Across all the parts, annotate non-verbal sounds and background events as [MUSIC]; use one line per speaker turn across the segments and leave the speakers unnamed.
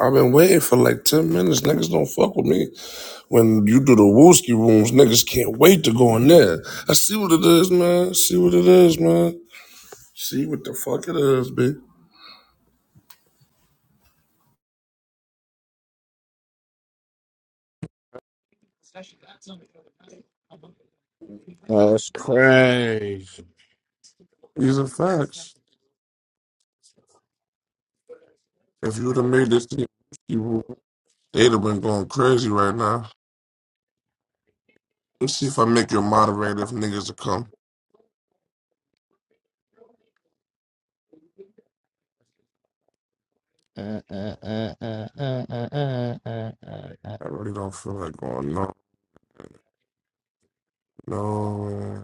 I've been waiting for like 10 minutes. Niggas don't fuck with me. When you do the Wooski rooms, niggas can't wait to go in there. I see what it is, man. See what it is, man. See what the fuck it is, B.
That's crazy.
These are facts. If you would have made this thing, Wooski room, they'd have been going crazy right now. Let's see if I make you a moderator if niggas will come.
Uh,
I really don't feel like going, no. No.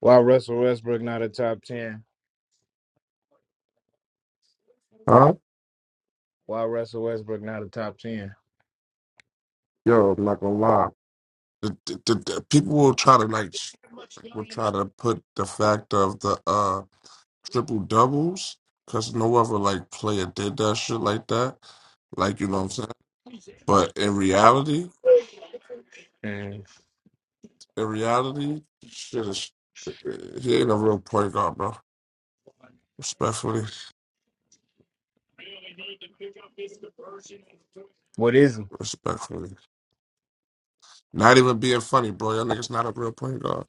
Why Russell Westbrook not a top ten?
Huh?
Why Russell Westbrook not a top ten?
Yo, I'm not gonna lie. The, the, the, the people will try to like, will try to put the fact of the, uh, triple doubles because no other like player did that shit like that. Like you know what I'm saying. But in reality,
Mm.
in reality, shit is he ain't a real point guard, bro. Respectfully,
What is he?
respectfully, not even being funny, bro. Y'all niggas not a real point guard.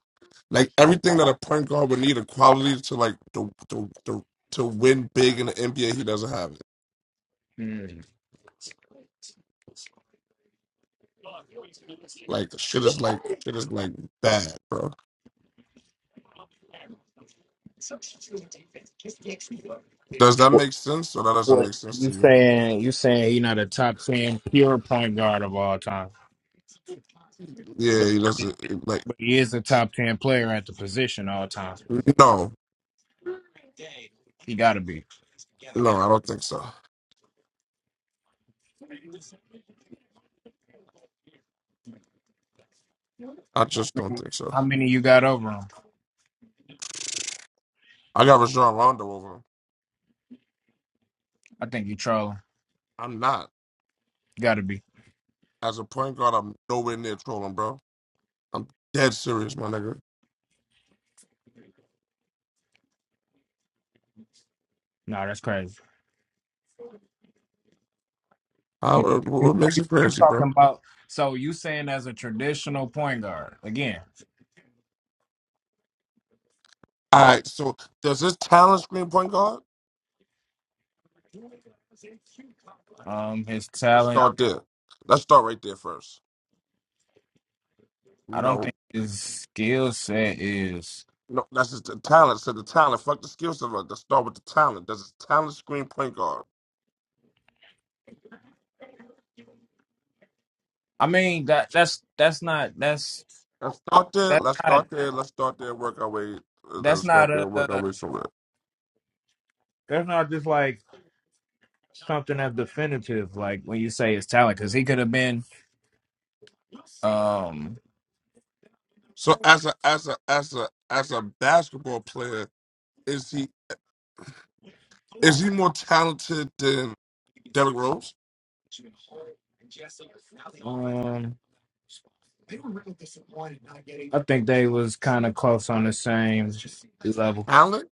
Like everything that a point guard would need, a quality to like the the, the to win big in the NBA, he doesn't have it.
Mm.
Like shit is like shit is like bad, bro. Does that
What,
make sense or that doesn't
what
make sense to
you
you?
saying? You saying he not a top ten pure point guard of all time?
Yeah,
But
he doesn't like.
but he is a top ten player at the position all time.
No,
He got to be.
no, I don't think so. I just don't think so.
How many you got over him?
I got Rajon Rondo over him.
I think you trolling.
I'm not.
Got to be.
As a point guard, I'm nowhere near trolling, bro. I'm dead serious, my nigga.
No, that's crazy.
How,
You,
what
you
what makes you
you
crazy, bro?
talking about? So you saying as a traditional point guard again?
All right, so does this talent screen point guard?
Um, his
Let's
talent.
start there. Let's start right there first.
I don't
No,
think his skill set is.
no, that's just the talent. So the talent, fuck the skill set. Let's start with the talent. Does this talent screen point guard?
I mean that that's that's not that's
Let's start there.
that's
Let's
not
start there. Let's start there. Work our way.
that's
Let's
not
start there. Work our
uh
way somewhere.
that's not just like something that's definitive. Like when you say his talent, because he could have been um
So as a as a as a as a basketball player, is he is he more talented than Derrick Rose?
um, I think they was kind of close on the same level.
Talent.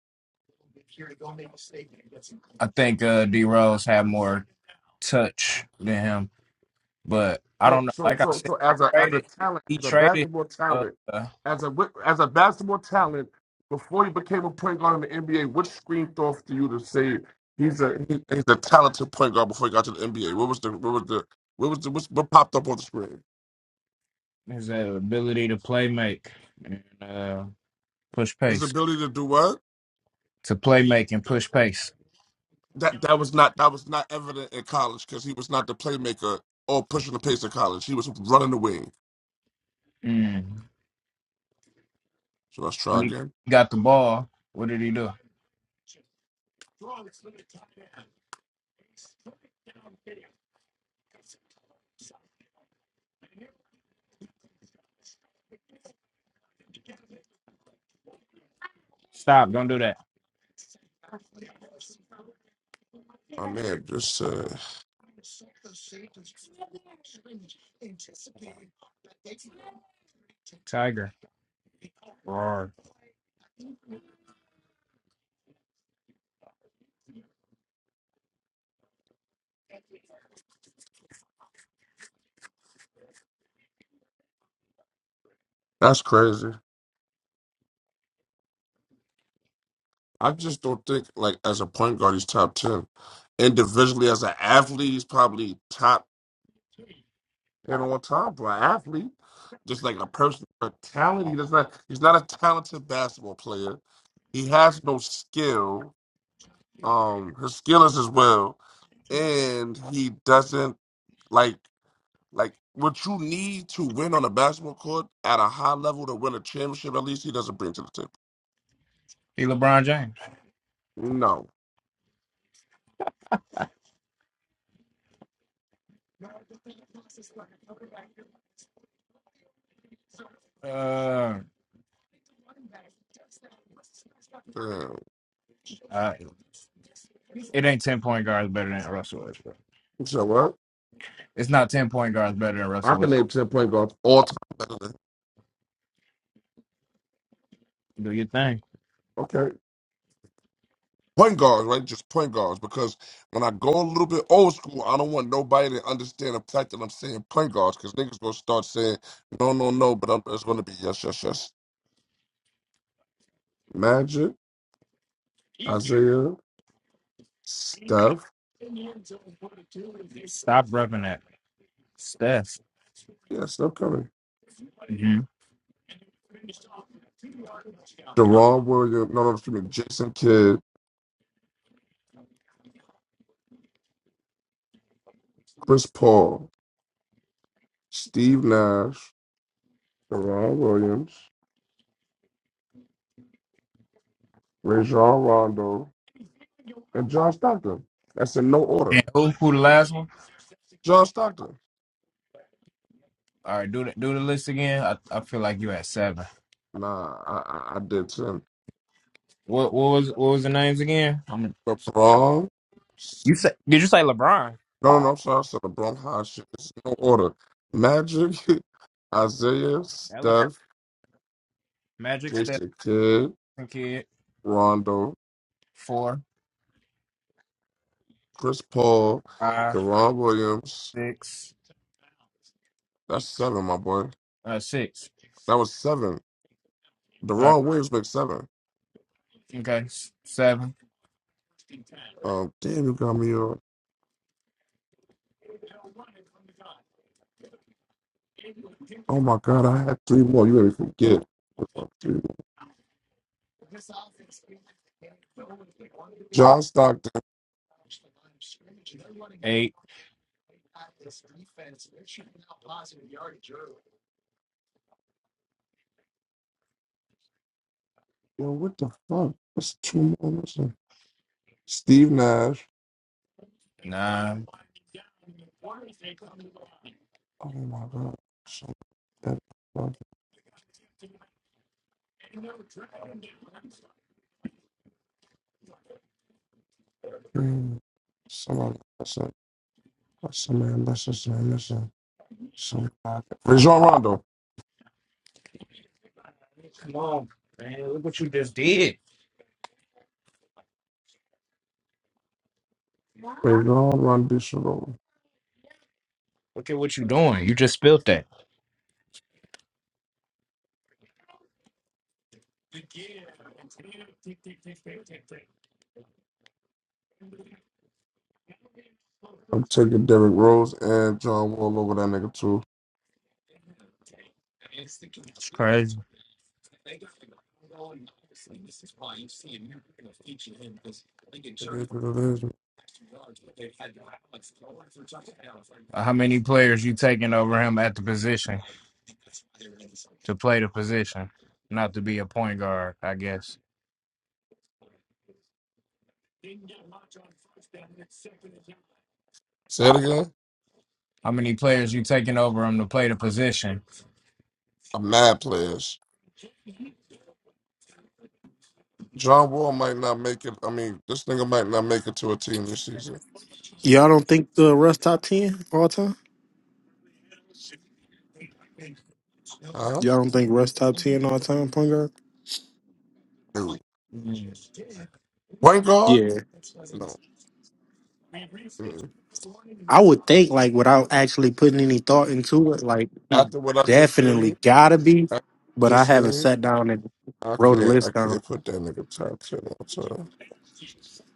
I think uh, D Rose had more touch than him, but I
So
don't know.
so
Like I
so
said,
so
he
as a as a
traded.
talent,
He
as a
traded.
basketball talent,
Uh,
as a wi- as a basketball talent, before you became a point guard in the NBA, what screamed off to you to say he's a he, he's a talented point guard before he got to the NBA? What was the what was the what was the what, what popped up on the screen?
His uh, ability to play make and uh, push
His
pace.
ability to do what?
To play make and push pace.
that that was not that was not evident in college because he was not the playmaker or pushing the pace in college. He was running the wing.
Mm.
So let's
When
try
he
again.
got the ball, what did he do? Stop! Don't do that,
My man, just uh,
Tiger. Roar.
that's crazy. I just don't think like as a point guard he's top ten. Individually as an athlete, he's probably top ten on top for an athlete. Just like a person, a talent. He does not. He's not a talented basketball player. He has no skill. Um, his skill is his will, and he doesn't like. Like what you need to win on a basketball court at a high level to win a championship, at least he doesn't bring to the table.
He LeBron James.
No.
Uh,
Damn.
uh, it ain't ten point guards better than Russell Westbrook.
So what?
It's not ten point guards better than
I
Russell Westbrook.
can name ten point guards all time better than
Do your thing.
okay. Point guards, right? Just point guards. Because when I go a little bit old school, I don't want nobody to understand the fact that I'm saying point guards because niggas gonna start saying no, no, no, but I'm, it's gonna be yes, yes, yes. Magic, Isaiah, Steph,
Stop repping that. Steph.
yeah, Steph Curry,
hmm
De'Ron Williams, no, no, excuse me, Jason Kidd, Chris Paul, Steve Nash, Deron Williams, Rajon Rondo, and John Stockton. That's in no order.
And who, who the last one?
John Stockton.
All right, do the do the list again. I, I feel like you at seven.
Nah, I, I, I did 10.
What what was what was the names again? I'm.
LeBron.
You say? Did you say LeBron?
No, no, I'm sorry. I said LeBron High shit. It's in no order. Magic, [LAUGHS] Isaiah,
Elephant,
Steph,
Magic, Stephen
Jason Kidd,
Kid,
Rondo,
four,
Chris Paul,
five,
Deron Williams.
six,
That's seven, my boy.
uh, six.
That was seven.
All right,
Deron Williams makes seven.
okay, s- seven,
Um, damn, you got me on. Oh my God, I had three more. You ready to forget. What's my three more? John Stockton.
eight,
Yo, what the fuck? What's two more missing? Steve Nash.
nine.
Oh my God. Some that fucking dream. Somebody missing. Some man missing. Some man missing. Some guy. Rajon Rondo.
Man, look what you just did.
Rajon Rondo. Shalom.
Look at what you doing. You just spilled that.
I'm taking Derrick Rose and John Wall over that nigga too.
It's crazy.
It is what it is.
Uh, How many players you taking over him at the position to play the position, not to be a point guard? I guess.
Say it again.
How many players you taking over him to play the position?
I'm mad players. John Wall might not make it. I mean, this nigga might not make it to a team this season.
Y'all don't think the Russ top ten all time?
Huh?
Y'all don't think Russ top ten all time point guard?
No.
Man,
Point guard?
Yeah,
No. Mm-mm.
I would think like without actually putting any thought into it, like he
After what I just
definitely
seen,
gotta be.
after what I
But I
just
haven't
seen,
sat down and
I
wrote a
can't, I
list down.
can't put that nigga top ten on top.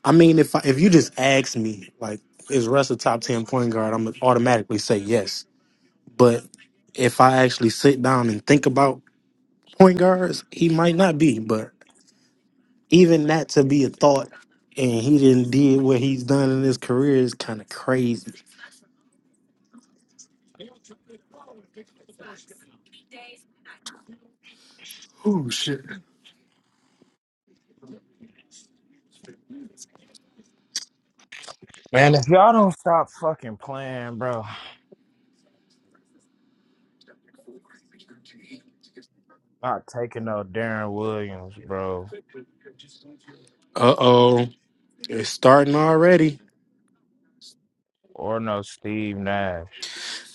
I mean, if I, if you just ask me, like, is Russ a top ten point guard? I'm gonna automatically say yes. But if I actually sit down and think about point guards, he might not be. But even that to be a thought and he didn't did what he's done in his career is kind of crazy.
if y'all don't stop fucking playing, bro, not taking no Darren Williams, bro,
Uh oh, it's starting already.
or no Steve Nash,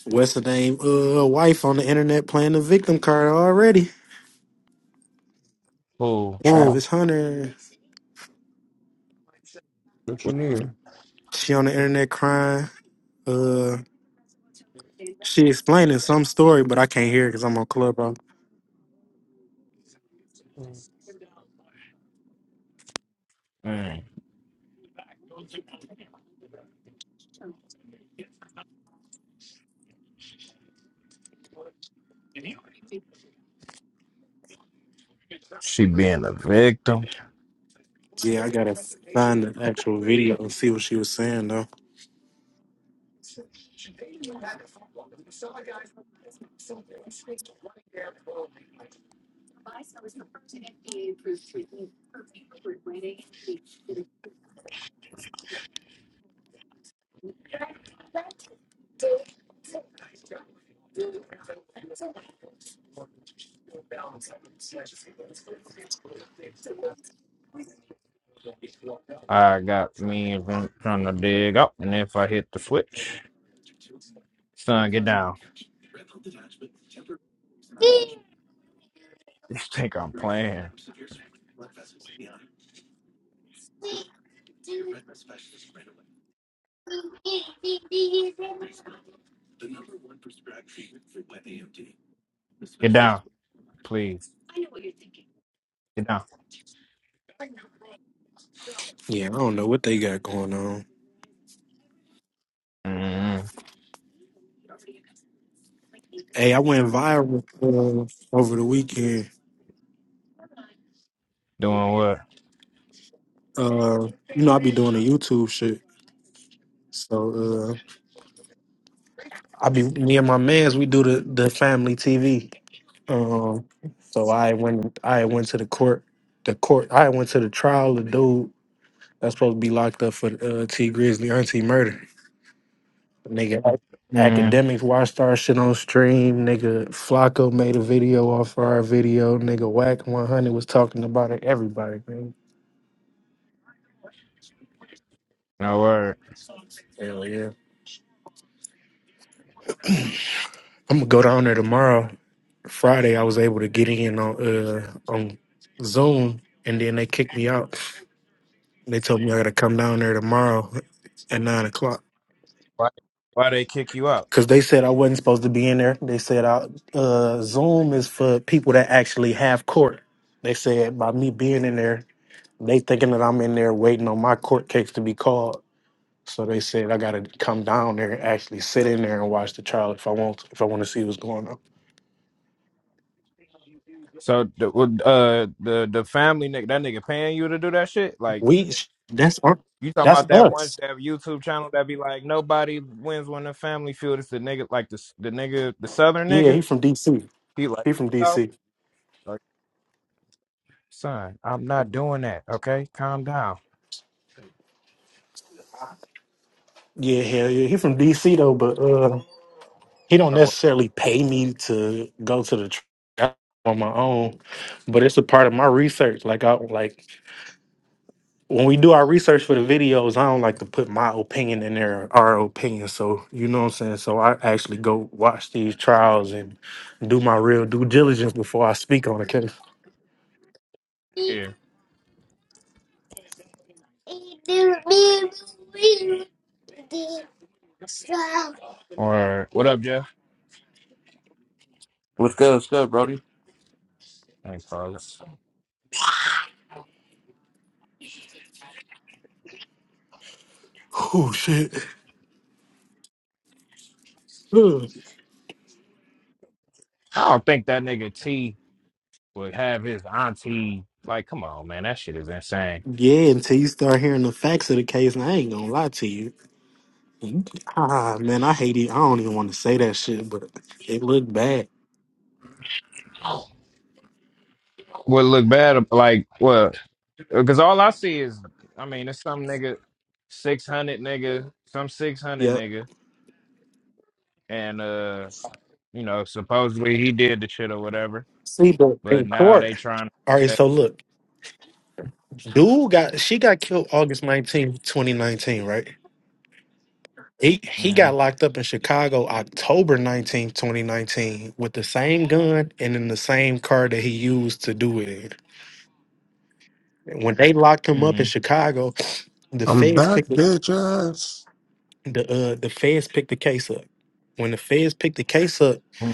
What's the name? Uh, wife on the internet playing the victim card already.
who
Whoa,
Travis Hunter,
what you mean?
she on the internet crying. Uh, she explaining some story, but I can't hear it because I'm on Clubhouse.
mm, she being a victim.
Yeah, I gotta find the actual video and see what she was saying though.
I got me and Vince trying to dig up, and if I hit the switch, son, get down. You think I'm playing? Get down, please. Get down.
Yeah, I don't know what they got going on.
mm
Hey, I went viral uh, over the weekend.
Doing what?
uh, you know, I be doing the YouTube shit. So uh, I be me and my man's we do the the family TV. Um, so I went I went to the court, the court I went to the trial. The dude that's supposed to be locked up for uh, T Grizzly auntie murder. Nigga,
mm
academics watched our shit on stream. Nigga, Flocko made a video off our video. Nigga, Whack One Hundred was talking about it. Everybody, man.
No word.
Hell yeah. I'm gonna go down there tomorrow. Friday, I was able to get in on uh, on Zoom, and then they kicked me out. They told me I gotta come down there tomorrow at nine o'clock
Why? Why they kick you out?
because they said I wasn't supposed to be in there. They said I, uh, Zoom is for people that actually have court. They said by me being in there, they thinking that I'm in there waiting on my court case to be called. So they said I gotta come down there and actually sit in there and watch the trial if I want if I want to see what's going on.
So the well, uh the the family nigga that nigga paying you to do that shit? Like
We that's our
you talking
that's
about that one
us.
that YouTube channel that be like nobody wins when the family feud. It's the nigga like the the nigga the southern
Yeah,
nigga.
he from DC.
He like
He from
oh
DC.
like, son, I'm not doing that. Okay, calm down.
Yeah, hell yeah. He from DC though, but uh he don't
Or what?
necessarily pay me to go to the track on my own. But it's a part of my research. Like I like when we do our research for the videos, I don't like to put my opinion in there, our opinion. So you know what I'm saying? So I actually go watch these trials and do my real due diligence before I speak on the case.
Yeah. Or what up, Jeff?
What's good? What's good, Brody?
Thanks, Carlos.
Oh shit.
I don't think that nigga T would have his auntie. Like, come on, man, that shit is insane.
Yeah, until you start hearing the facts of the case, and I ain't gonna lie to you. You- Ah, man, I hate it. I don't even want to say that shit, but it looked bad.
Would look bad, like what? Because all I see is, I mean, it's some nigga, 600 nigga, some 600
Yeah.
nigga. And, uh, you know, supposedly he did the shit or whatever.
See, but
But
in
now
court.
they trying
All right,
to.
so look, dude got she got killed August nineteenth, 2019, right? He he got
Mm,
locked up in Chicago October nineteenth, 2019, with the same gun and in the same car that he used to do it in. When they locked him up in
mm,
Chicago, the
I'm
feds
back,
picked.
bitch ass.
the uh the feds picked the case up. When the feds picked the case up,
mm.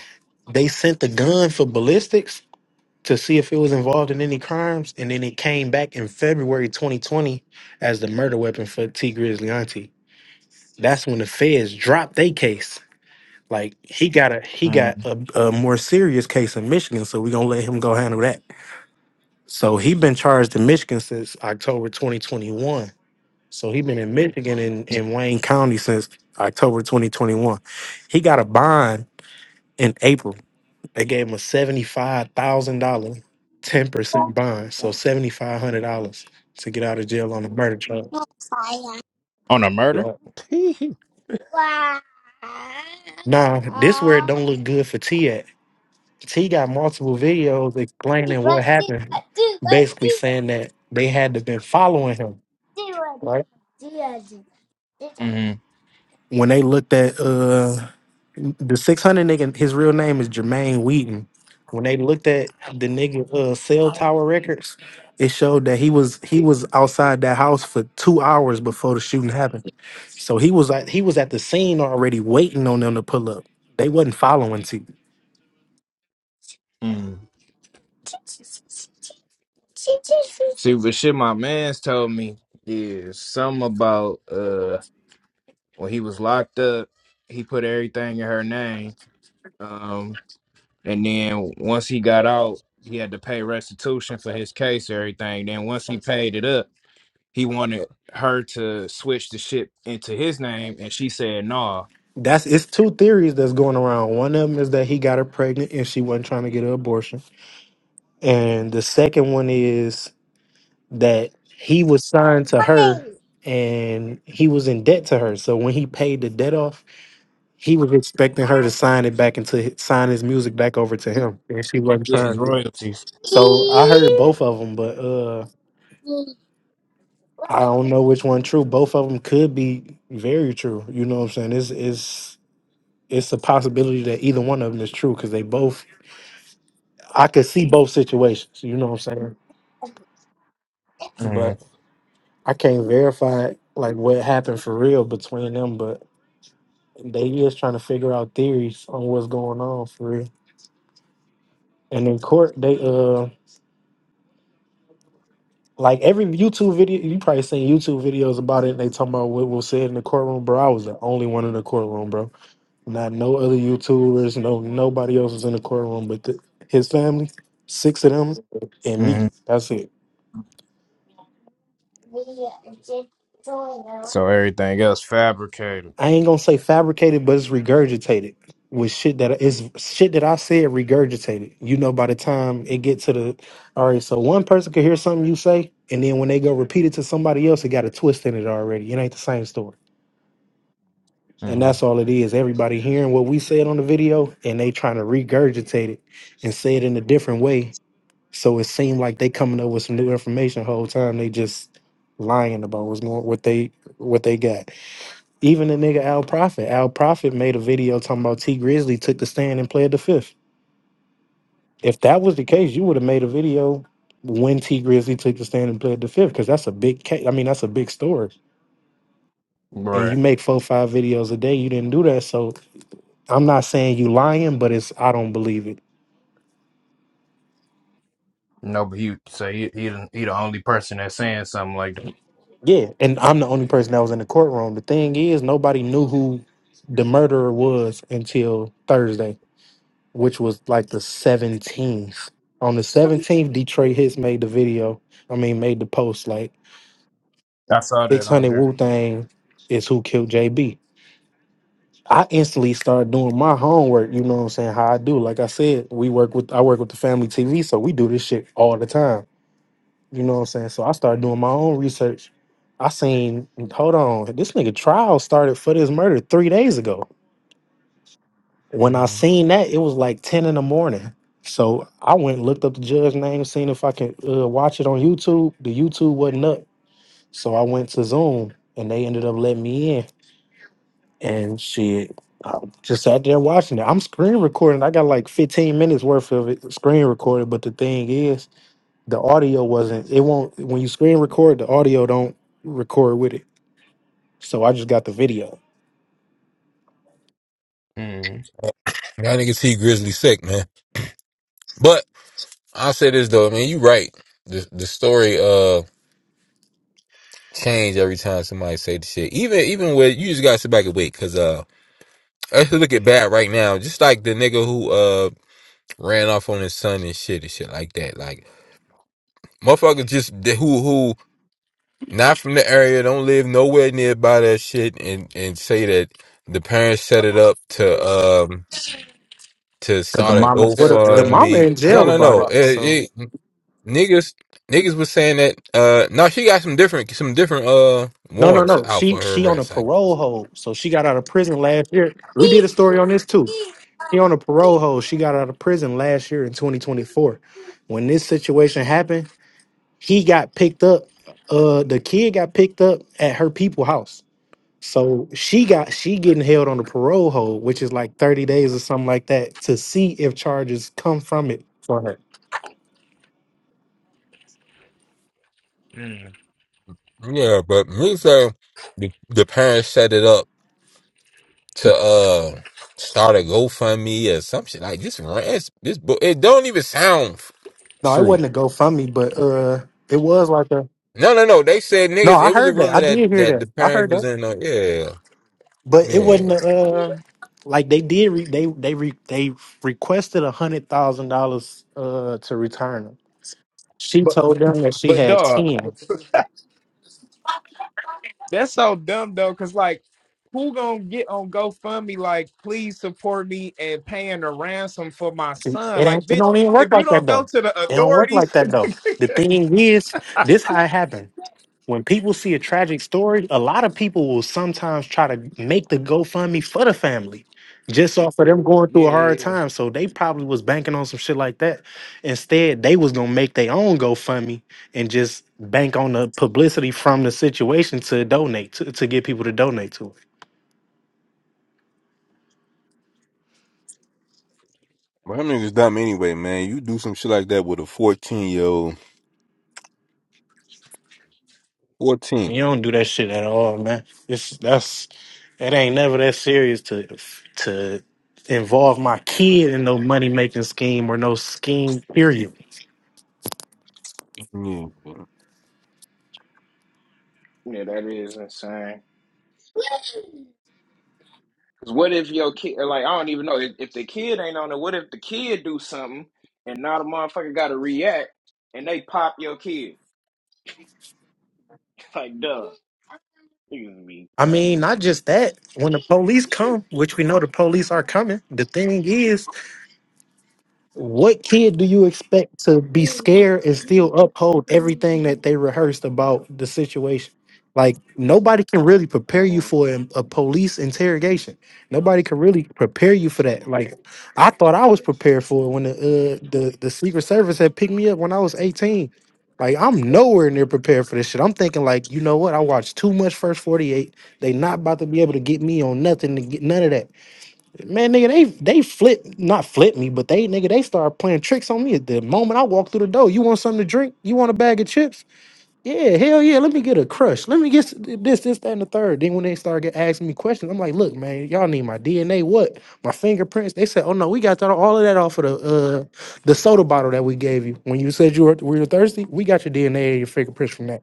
they sent the gun for ballistics to see if it was involved in any crimes, and then it came back in February 2020 as the murder weapon for T Grizzly Auntie. That's when the feds dropped their case. Like he got a he got
mm,
a, a more serious case in Michigan, so we're gonna let him go handle that. So he been charged in Michigan since October 2021 So he been in Michigan in, in Wayne County since October 2021. He got a bond in April. They gave him a $75,000, 10% bond. So $7,500 to get out of jail on a murder charge.
On a murder?
Yeah. Nah, this where it don't look good for T at. T got multiple videos explaining what happened, basically saying that they had to been following him. right?
Mm,
when they looked at uh the 600 nigga, his real name is Jermaine Wheaton. When they looked at the nigga uh cell tower records, it showed that he was he was outside that house for two hours before the shooting happened. So he was like he was at the scene already waiting on them to pull up. They wasn't following T.
mm. See, but shit my man's told me is something about, uh, when he was locked up, he put everything in her name. um, And then once he got out, he had to pay restitution for his case, and everything. Then once he paid it up, he wanted her to switch the ship into his name, and she said, no. "Nah,
That's it's two theories that's going around. One of them is that he got her pregnant and she wasn't trying to get an abortion. And the second one is that he was signed to her and he was in debt to her. So when he paid the debt off, he was expecting her to sign it back into hi- sign his music back over to him, and she wasn't
yeah, his
trying to.
royalties."
So I heard both of them, but uh, I don't know which one true. Both of them could be very true. You know what I'm saying? It's it's it's a possibility that either one of them is true because they both. I could see both situations. You know what I'm saying?
hmm
But I can't verify like what happened for real between them. But They just trying to figure out theories on what's going on for real. And in court, they uh like every YouTube video you probably seen YouTube videos about it. And they talking about what was said in the courtroom, bro. I was the only one in the courtroom, bro. Not no other YouTubers, no nobody else was in the courtroom, but the, his family, six of them, and
hmm
me. That's it.
So everything else fabricated.
I ain't gonna say fabricated, but it's regurgitated with shit that is shit that I said regurgitated. You know, by the time it get to the all right, so one person could hear something you say, and then when they go repeat it to somebody else, it got a twist in it already. It ain't the same story. And
hmm
that's all it is. Everybody hearing what we said on the video and they trying to regurgitate it and say it in a different way. So it seemed like they coming up with some new information the whole time. They just lying about what's going what they what they got. Even the nigga Al Prophet, Al Prophet made a video talking about T Grizzly took the stand and played the fifth. If that was the case, you would have made a video when T Grizzly took the stand and played the fifth, because that's a big case. I mean, that's a big story. And you
Right.
make four, five videos a day. You didn't do that, so I'm not saying you lying, but it's I don't believe it.
No, but he so he he the, he the only person that's saying something like that.
Yeah, and I'm the only person that was in the courtroom. The thing is, nobody knew who the murderer was until Thursday. which was like the 17th. On the 17th, Detroit Hits made the video. I mean, made the post like
I saw that on
600
there.
Wu Tang is who killed JB. I instantly started doing my homework. You know what I'm saying? How I do. Like I said, we work with I work with the family TV, so we do this shit all the time. You know what I'm saying? So I started doing my own research. I seen, hold on, this nigga trial started for this murder three days ago. When I seen that, it was like 10 in the morning. So I went and looked up the judge name, seen if I could uh, watch it on YouTube. The YouTube wasn't up. So I went to Zoom and they ended up letting me in. And shit, I just sat there watching it. I'm screen recording. I got like 15 minutes worth of it screen recorded. But the thing is, the audio wasn't, it won't, when you screen record, the audio don't record with it. So I just got the video.
Mm-hmm.
Y'all niggas see Grizzly sick, man. But I'll say this though, I mean, you right. The the story uh change every time somebody say the shit. Even even with you just gotta sit back and wait, cause uh let's look at bad right now. Just like the nigga who uh ran off on his son and shit and shit like that. Like motherfuckers just the- who who not from the area, don't live nowhere nearby that shit and and say that the parents set it up to um to
Cause the
start a
mama
What
sell
the the
drug
mama
GoFundMe.
in
shit. That's
No,
jail
what
no,
he talking
about it.
about.
So.
no. Niggas niggas was saying that uh no, she got some different some different uh
No, no,
warrants
no.
out
She
for her
she on a
arrest. Like
parole hold, so she got out of prison last year. We did a story on this too. She on a parole hold. She got out of prison last year in 2024. When this situation happened, he got picked up. Uh, the kid got picked up at her people house. So she got she getting held on a parole hold, which is like 30 days or something like that, to see if charges come from it for her.
Mhm.
yeah, but me say the, the parents set it up to uh start a GoFundMe or some shit. Like this rant this book it don't even sound f-
No, it
true.
wasn't a GoFundMe, but uh, it was like a.
No no no. They said
No,
niggas
I
it was a
heard that. I
rumor
did
that
hear
that
that.
the
I heard
parents
that.
was in on yeah,
But it
man.
wasn't uh like they did re- they they re- they requested a hundred thousand dollars uh to return them. She
But
told them that she
but
had
dog,
ten.
that's so dumb though. Cause like. who gonna get on GoFundMe like please support me and paying a ransom for my
She,
son?
it
Like,
ain't, it
bitch,
don't even work
if you
like that
don't go
though.
to the
It don't work like
authorities, [LAUGHS]
that though. The thing is, this how it happened. when people see a tragic story, a lot of people will sometimes try to make the GoFundMe for the family just off of them going through a
Yeah, yeah,
hard
yeah.
time. So they probably was banking on some shit like that. Instead, they was gonna make their own GoFundMe and just bank on the publicity from the situation to donate to, to get people to donate to it.
But them niggas dumb anyway, man. You do some shit like that with a 14 year old.
And
14.
you don't do that shit at all, man. It's that's it ain't never that serious to to involve my kid in no money making scheme or no scheme period.
Yeah.
Yeah, that is insane. 'Cause what if your kid, like, I don't even know if, if the kid ain't on it. What if the kid do something and not a motherfucker got to react and they pop your kid?
I mean, not just that. When the police come, which we know the police are coming, the thing is, what kid do you expect to be scared and still uphold everything that they rehearsed about the situation? Like nobody can really prepare you
Mhm.
for an- a police interrogation. Nobody can really prepare you for that. Like I thought I was prepared for it when the uh, the the Secret Service had picked me up when I was eighteen. Like I'm nowhere near prepared for this shit. I'm thinking like, you know what? I watched too much First Forty Eight. They not about to be able to get me on nothing to get none of that. Man, nigga, they they flip, not flip me, but they nigga, they start playing tricks on me at the moment I walk through the door. You want something to drink? You want a bag of chips? Yeah, hell yeah. Let me get a crush. Let me get s- this, this, that, and the third. Then when they start get asking me questions, I'm like, look, man, y'all need my DNA, what? My fingerprints. They said, oh no, we got that all of that off of the uh the soda bottle that we gave you when you said you were we were thirsty. We got your DNA and your fingerprints from that.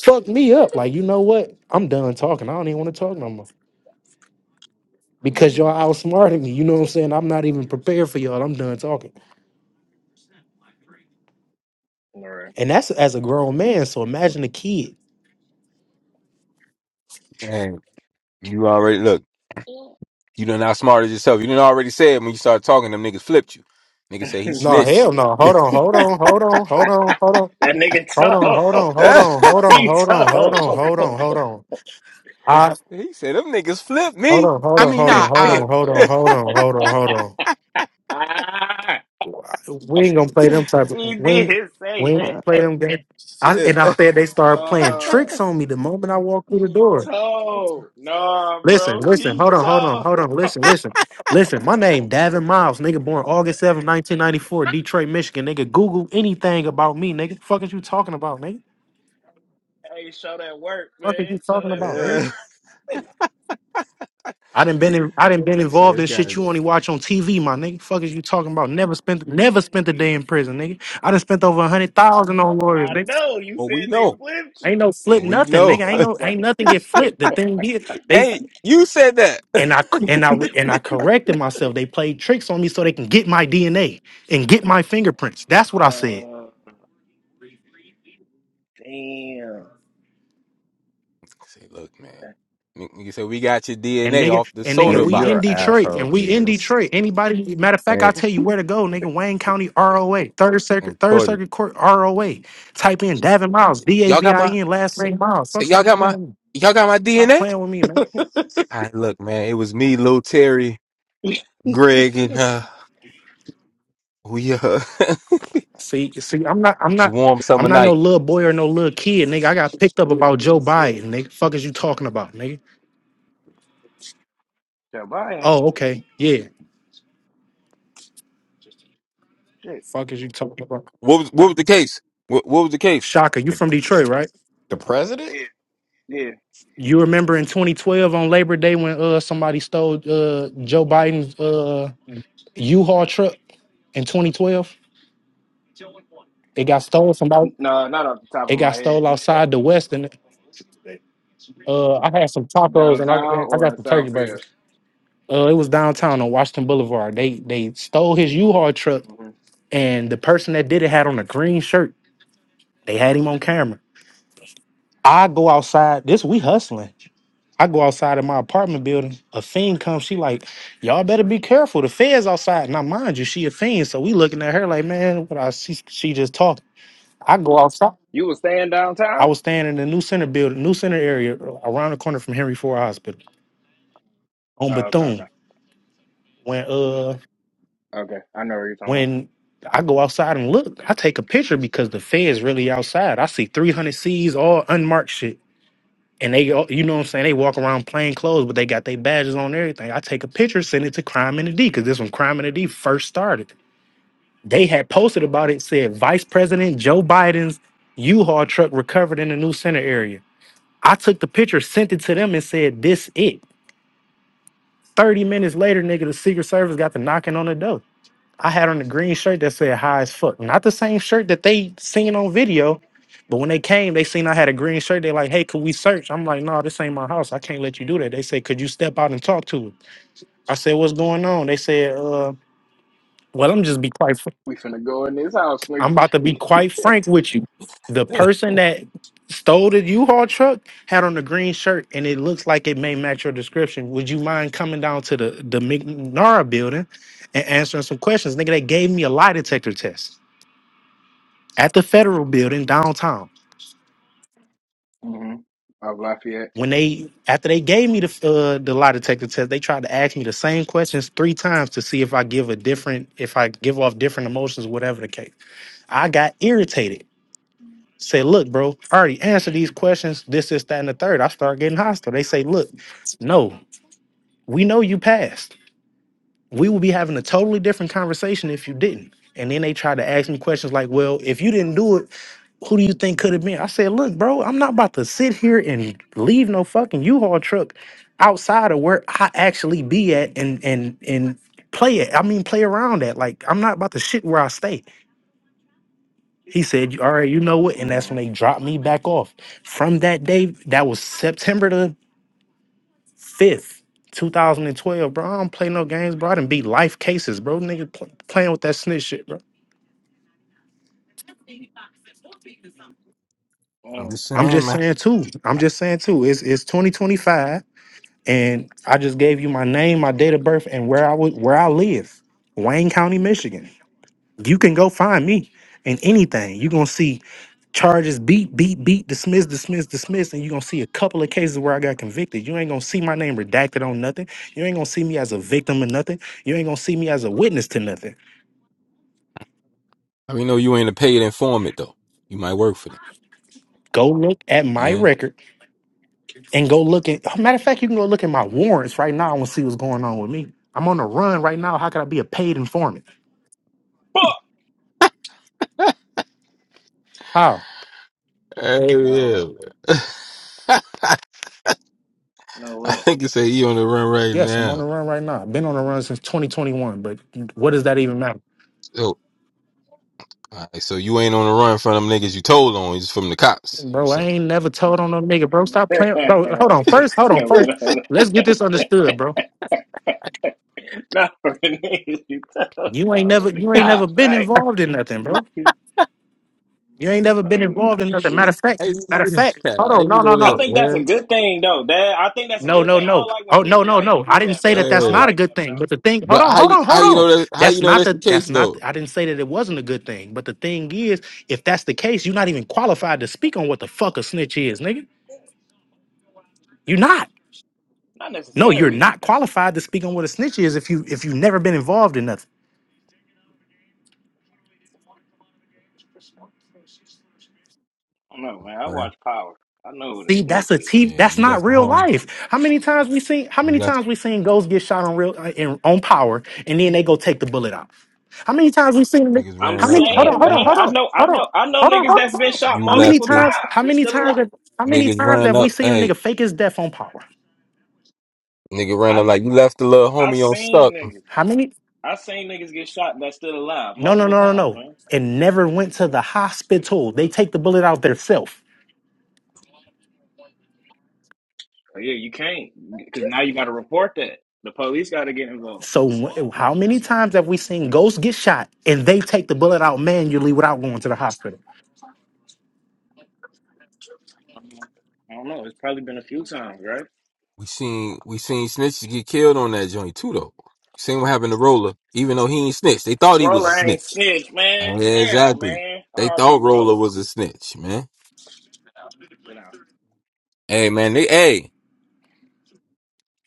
Fuck me up. Like, you know what? I'm done talking. I don't even want to talk no more because y'all outsmarting me. You know what I'm saying? I'm not even prepared for y'all. I'm done talking.
All right.
And that's as a grown man. So imagine a kid.
Man, you already look. You done outsmarted yourself. You done already said when you started talking, them niggas flipped you. Nigga said he
No,
snitched.
hell no. Hold on, hold on, hold on, hold on, hold on.
That nigga
Hold on,
tough.
hold on,
[LAUGHS]
hold on,
he
hold
[LAUGHS]
on,
he
hold on,
tough.
hold on, hold on, hold on. I
said them niggas flipped
hold
me.
on, hold
I
on,
mean,
hold on,
I,
hold
I
on, hold on,
[LAUGHS]
hold on, hold on, hold
Ah,
on. We ain't gonna play them type of
he
we ain't,
did
we
say
ain't
that.
gonna play
[LAUGHS]
them games. I, and
shit.
I
[LAUGHS]
said they started playing
Oh.
tricks on me the moment I walked through the
He
door.
told. Nah,
Listen,
bro.
listen,
He
hold on, hold on,
told.
hold on. Listen, listen, listen. My name Davin Miles, nigga, born August seventh, 1994, Detroit, Michigan. Nigga, Google anything about me, nigga. Fuck is you talking about, nigga?
Hey, show that work.
Fuck is you talking about, nigga?
Yeah.
I didn't been in, I didn't been
Nigga said
involved
"This
in
guy-
shit you only watch on TV, my nigga. Fuck is you talking about? Never spent never spent a day
Hey.
in prison, nigga. I done spent over a hundred thousand on lawyers,
I
nigga.
know. You
Oh, we
said they
know.
flipped
Ain't
you.
no
Oh,
flip
we
nothing, nigga. Ain't
I
know.
no ain't
fucking
nothing
[LAUGHS]
get flipped. The thing is,
[LAUGHS]
they
hey, you said that. [LAUGHS]
and I
say,
and I and I corrected myself. They played tricks on me so they can get my DNA and get my fingerprints. That's what I said.
Oh, damn.
look, man. You said we got your
And
DNA
nigga,
off the
and nigga,
soda
Nigga,
we
You're
in
bottle.
an
He said,
Detroit,
asshole,
and we in
Beals.
Detroit. Anybody, matter of fact, I'll
hey,
tell you where to go, nigga. Wayne County ROA, Third
and
Circuit, Third
Courtney,
Circuit Court ROA. Type in Davin Miles, D A
y'all
V
got
I
my.
N, last
Say,
name Miles. Son,
say y'all
stop
got
playing
my.
with me.
Y'all got my
Stop
DNA.
playing with me, man.
I look, man. It was me, Lil Terry. Greg and uh, we uh, [LAUGHS] it's
See, see, I'm not, I'm
a
not,
warm
I'm
summer
not no
night.
little boy or no little kid, nigga. I got picked up about Joe Biden, nigga. Fuck is you talking about, nigga?
Jabari.
Oh, okay, yeah.
Shit.
Fuck is you talking about?
What was what was the case? What what was the case?
Shaka, you
The,
from Detroit, right?
the president?
Yeah.
You remember in 2012 on Labor Day when uh somebody stole uh Joe Biden's uh
[LAUGHS]
U-Haul truck in 2012? It got stolen Somebody
No, not off the top
It
of my
got
head.
stole outside the West, and uh, I had some tacos and I
Downtown
I
or
got
in
some turkey
Southfield?
burgers. Uh, it was downtown on Washington Boulevard. They they stole his U-Haul truck,
hmm
and the person that did it had on a green shirt. They had him on camera. I go outside. This we hustling. I go outside of my apartment building. A fiend comes. She like, y'all better be careful. The feds outside. Now mind you, she a fiend. So we looking at her like, man, what I she, she just talked. I go outside.
You was staying
I
downtown?
was standing in the new center building, new center area, around the corner from Henry Ford Hospital on
Oh, okay, okay.
Bethune. When uh
Okay. I know what you're talking
when I go outside and look, I take a picture because the feds really outside. I see 300 C's all unmarked shit. and they all- you know what I'm saying they walk around plain clothes, but they got their badges on and everything. I take a picture, send it to Crime and the D because this when Crime and the D first started. They had posted
about.
about
hmm
it, said Vice President Joe Biden's U-Haul truck recovered in the new center area. I took the picture, sent it to them, and said, "This it." Thirty minutes later, nigga, the Secret Service got the knocking on the door. I had on a green shirt that said high as fuck. Not the same shirt that they seen on video, but when they came, they seen I had a green shirt. They like, hey, could we search? I'm like, no, this ain't my house. I can't let you do that. They said, could you step out and talk to it? I said, what's going on? They said, uh, well, I'm just be quite. Fr-
We finna go in this house, nigga.
I'm about to be quite frank with you. The
Yeah,
person that stole the U-Haul truck had on a green shirt, and it looks like it may match your description. Would you mind coming down to the the McNara building and answering some questions? Nigga, they gave me a lie detector test. at the federal building downtown.
Mm-hmm. Of Lafayette.
When they after they gave me the uh, the lie detector test, they tried to ask me the same questions three times to see if I give a different, if I give off different emotions, whatever the case. I got irritated. Say, look, bro, I already answered these questions. This, this, that, and the third. I start getting hostile. They say, look, no, we know you passed. we would be having a totally different conversation if you didn't. And then they try to ask me questions like, well, if you didn't do it, who do you think could have been? I said, look, bro, I'm not about to sit here and leave no fucking U-Haul truck outside of where I actually be at and and and play it. I mean, play around at. Like, I'm not about to shit where I stay. He said, all right, you know what? And that's when
Mm-hmm.
they dropped me back off. From that day, that was September the 5th, 2012, bro. I don't play no games, bro. I done beat life cases, bro. Nigga pl- playing with that snitch shit, bro.
I'm
Mm.
just
I'm
saying,
just
man.
saying too. I'm just saying too. It's it's 2025, and I just gave you my name, my date of birth, and where I would where I live, Wayne County, Michigan. You can go find me in anything. You're gonna see charges beat, beat, beat, dismiss, dismiss, dismiss, and you're gonna see a couple of cases where I got convicted. You ain't gonna see my name redacted on nothing. You ain't gonna see me as a victim of nothing. You ain't gonna see me as a witness to nothing.
I mean, know you ain't a paid informant though. You might work for them,
Go look at my
man.
record and go look at. Oh, Matter of fact, you can go look at my warrants right now and see what's going on with me. I'm on the run right now. How could I be a paid informant? How?
Hey, yeah.
No.
man. [LAUGHS]
No
I
way.
think you say he on the run right
Yes, I'm on
now.
the run right now. I've been on the run since 2021, but what does that even matter?
So, all right, so you ain't on the run from them niggas you told on. It's from the cops. You
Bro, I
saying?
ain't never told on no nigga, bro. Stop playing.
[LAUGHS]
Bro, hold on.
he
First, hold on.
said, what
First,
up?
let's get this understood, bro.
Not for the niggas you told
You ain't
uh,
never
with the
you ain't never
cops,
been
right?
involved in nothing, bro. You ain't never been
Oh
involved in nothing. Matter
shoot.
of
Hey,
fact, matter of fact,
[LAUGHS]
hold
how
on,
you
no, no,
know
I
no.
that,
think that's a
man?
good thing though. That I think that's a
No,
good
no,
thing. I
no.
don't like when
Oh, no,
people
no,
like
no. I
do
didn't
that,
say
bro.
that that's
I don't
Hey.
not a
like
good
that, bro.
thing. But the thing, hold
But
on,
how
hold
you
on,
how
hold
you
on.
know that? How you
That's
know
not
that's the
the, that's
case
not,
though?
I didn't say that it wasn't a good thing. But the thing is, if that's the case, you're not even qualified to speak on what the fuck a snitch is, nigga. You're not.
Not
No, you're
necessarily.
not qualified to speak on what a snitch is if you, if you've never been involved in nothing.
I don't know, man. I
Man,
watch power. I know what a
See, that's
snitch
a
is.
T.
yeah,
That's
you
not
left the
real
home.
life. How many times we seen? How many times we seen ghosts get shot on real uh, in, on power, and then they go take the bullet out? How many times we seen? the-
Niggas
I'm
How
ran up
many? Hold
like
on,
saying,
hold on,
man,
you,
hold
I
on,
know I
hold on,
know I know
hold on, hold
niggas
on,
that's
hold
been
on.
shot
you
How many
left
multiple
the
times? How
times and
many
still alive.
times? Have, how many
niggas
times
ran
have we
up.
seen a
Hey,
nigga fake his death on power?
nigga ran
I
up
know
like you left the little
I, I
homie on
seen
stuck.
niggas.
How many?
I seen niggas get shot that's still alive
No, no,
multiple
no, no,
times,
no.
man.
And never went to the hospital. They take the bullet out themselves.
Yeah, you can't because now you got to report that. The police got to get involved.
So wh- how many times have we seen ghosts get shot and they take the bullet out manually without going to the hospital?
I don't know. It's probably been a few times, right?
We seen we seen snitches get killed on that joint too though. Seen what happened to Roller, even though he ain't snitch. They thought he was a
Roller ain't
snitch.
snitch, man.
Yeah,
Damn,
exactly.
man.
They
R.P.
thought Roller
Roller.
was a snitch, man.
You know,
Hey man, they hey,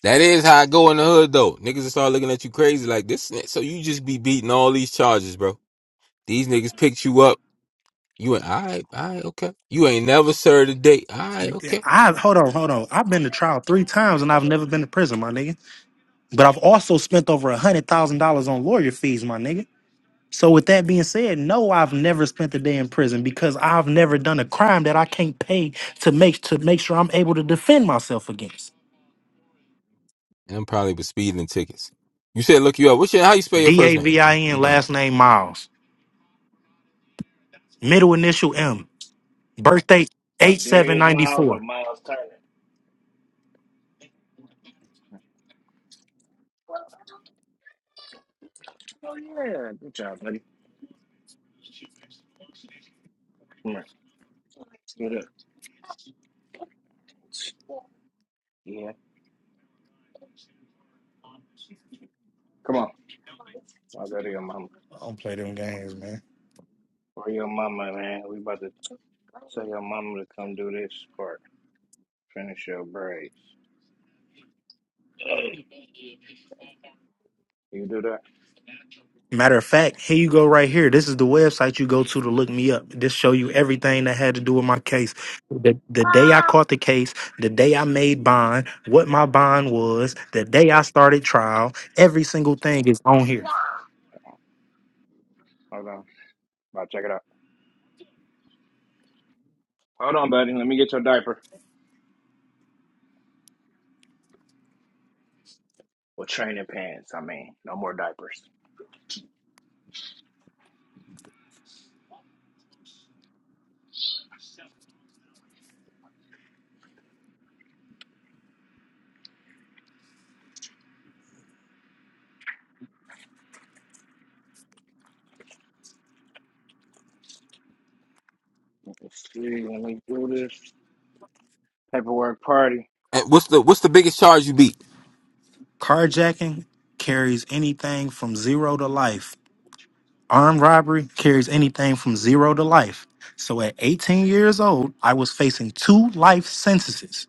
that is how I go in the hood though. Niggas will start looking at you crazy like this snitch. So you just be beating all these charges, bro. These niggas picked you up. You ain't all right, all right, okay. You ain't never served a date. All right,
Yeah,
okay.
I hold on, hold on. I've been to trial three times and I've never been to prison, my nigga. But I've also spent over a hundred thousand dollars on lawyer fees, my nigga. So with that being said, no, I've never spent a day in prison because I've never done a crime that I can't pay to make to make sure I'm able to defend myself against.
And I'm probably with speeding tickets. You said look you up. What's your how you spell your
D
first
A
name,
V I
man? We
N
about
last
to,
name Miles, middle initial M, birthday eight
like
seven
Darius
ninety
Miles or
four.
Miles Turner. Oh yeah, good job, buddy. Come on, get up. Yeah, come on. I'll go to your mama.
I don't play them games, man.
Or your mama, man. We about to tell your mama to come do this part. Finish your braids. You do that?
Matter of fact, here you go right here. This is the website you go to to look me up. This show you everything that had to do with my case The, the day I caught the case, the day I made bond, what my bond was, the day I started trial, every single thing is on here.
Hold on. I'll check it out. Hold on, buddy. Let me get your diaper. with training pants. I mean, no more diapers. Let's see. Let me do this paperwork party.
Eh, what's the what's the biggest charge you beat?
Carjacking carries anything from zero to life. Armed robbery carries anything from zero to life. So at 18 years old, I was facing two life sentences.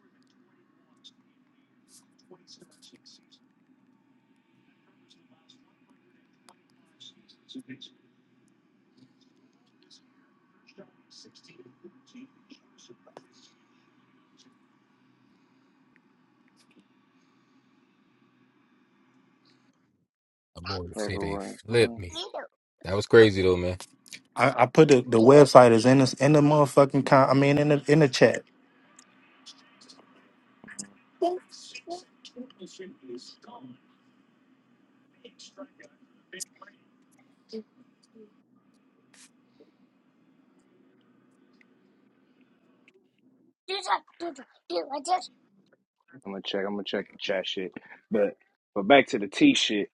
Oh, boy, said they
Paperwork. party.
flipped me. That was crazy though, man.
I, I put the, the website is in this in the motherfucking con, I mean in the in the chat.
I'm gonna check. I'm gonna check the chat shit. But but back to the T shit.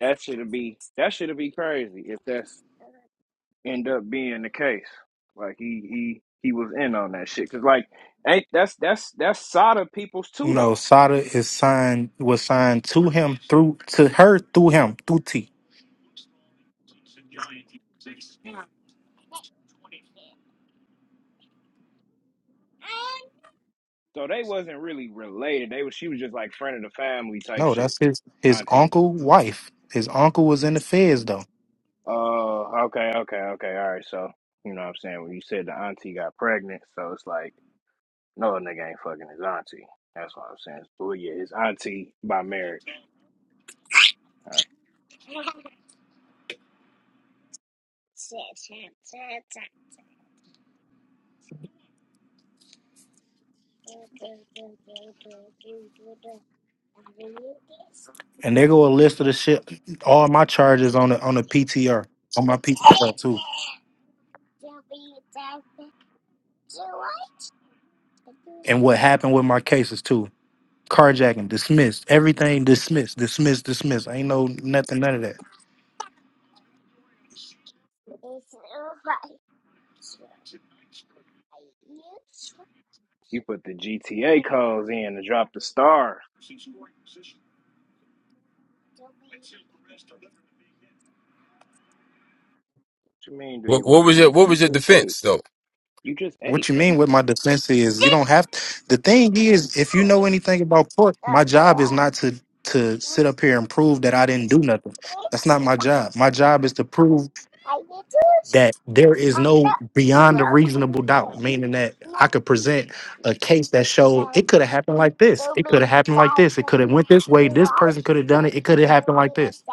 That should be that should be crazy if that's end up being the case. Like he he he was in on that shit. Cause like ain't that's that's that's Sada people's
No,
too though.
Sada is signed was signed to him through to her through him through T.
So they wasn't really related. They was she was just like friend of the family type
No,
shit,
that's his his
aunties.
uncle wife. His uncle was in the feds though,
Oh, okay, okay, okay. All right. So, you know what I'm saying? When you said the auntie got pregnant, so it's like, no, a nigga ain't fucking his auntie. That's what I'm saying. so, Well, yeah, his auntie by marriage. Uh,
and there go a list of the shit. All my charges on the on the PTR on my PTR too, and what happened with my cases too. Carjacking dismissed. Everything dismissed. Dismissed. Dismissed. Ain't no nothing. None of that.
you put the GTA calls in to drop the star. What you mean, do
What
you want
what was
to
your
eat?
what
You
was your
just ate.
defense though?
You just
What you mean with my defense is you don't have. the thing is, if you know anything about court, my job is not to to sit up here and prove that I didn't do nothing. That's not my job. My job is to prove that there is no beyond a reasonable doubt, meaning that I could present a case that showed it could have happened like this, it could have happened like this, it could have went this way, this person could have done it, it could have happened like this.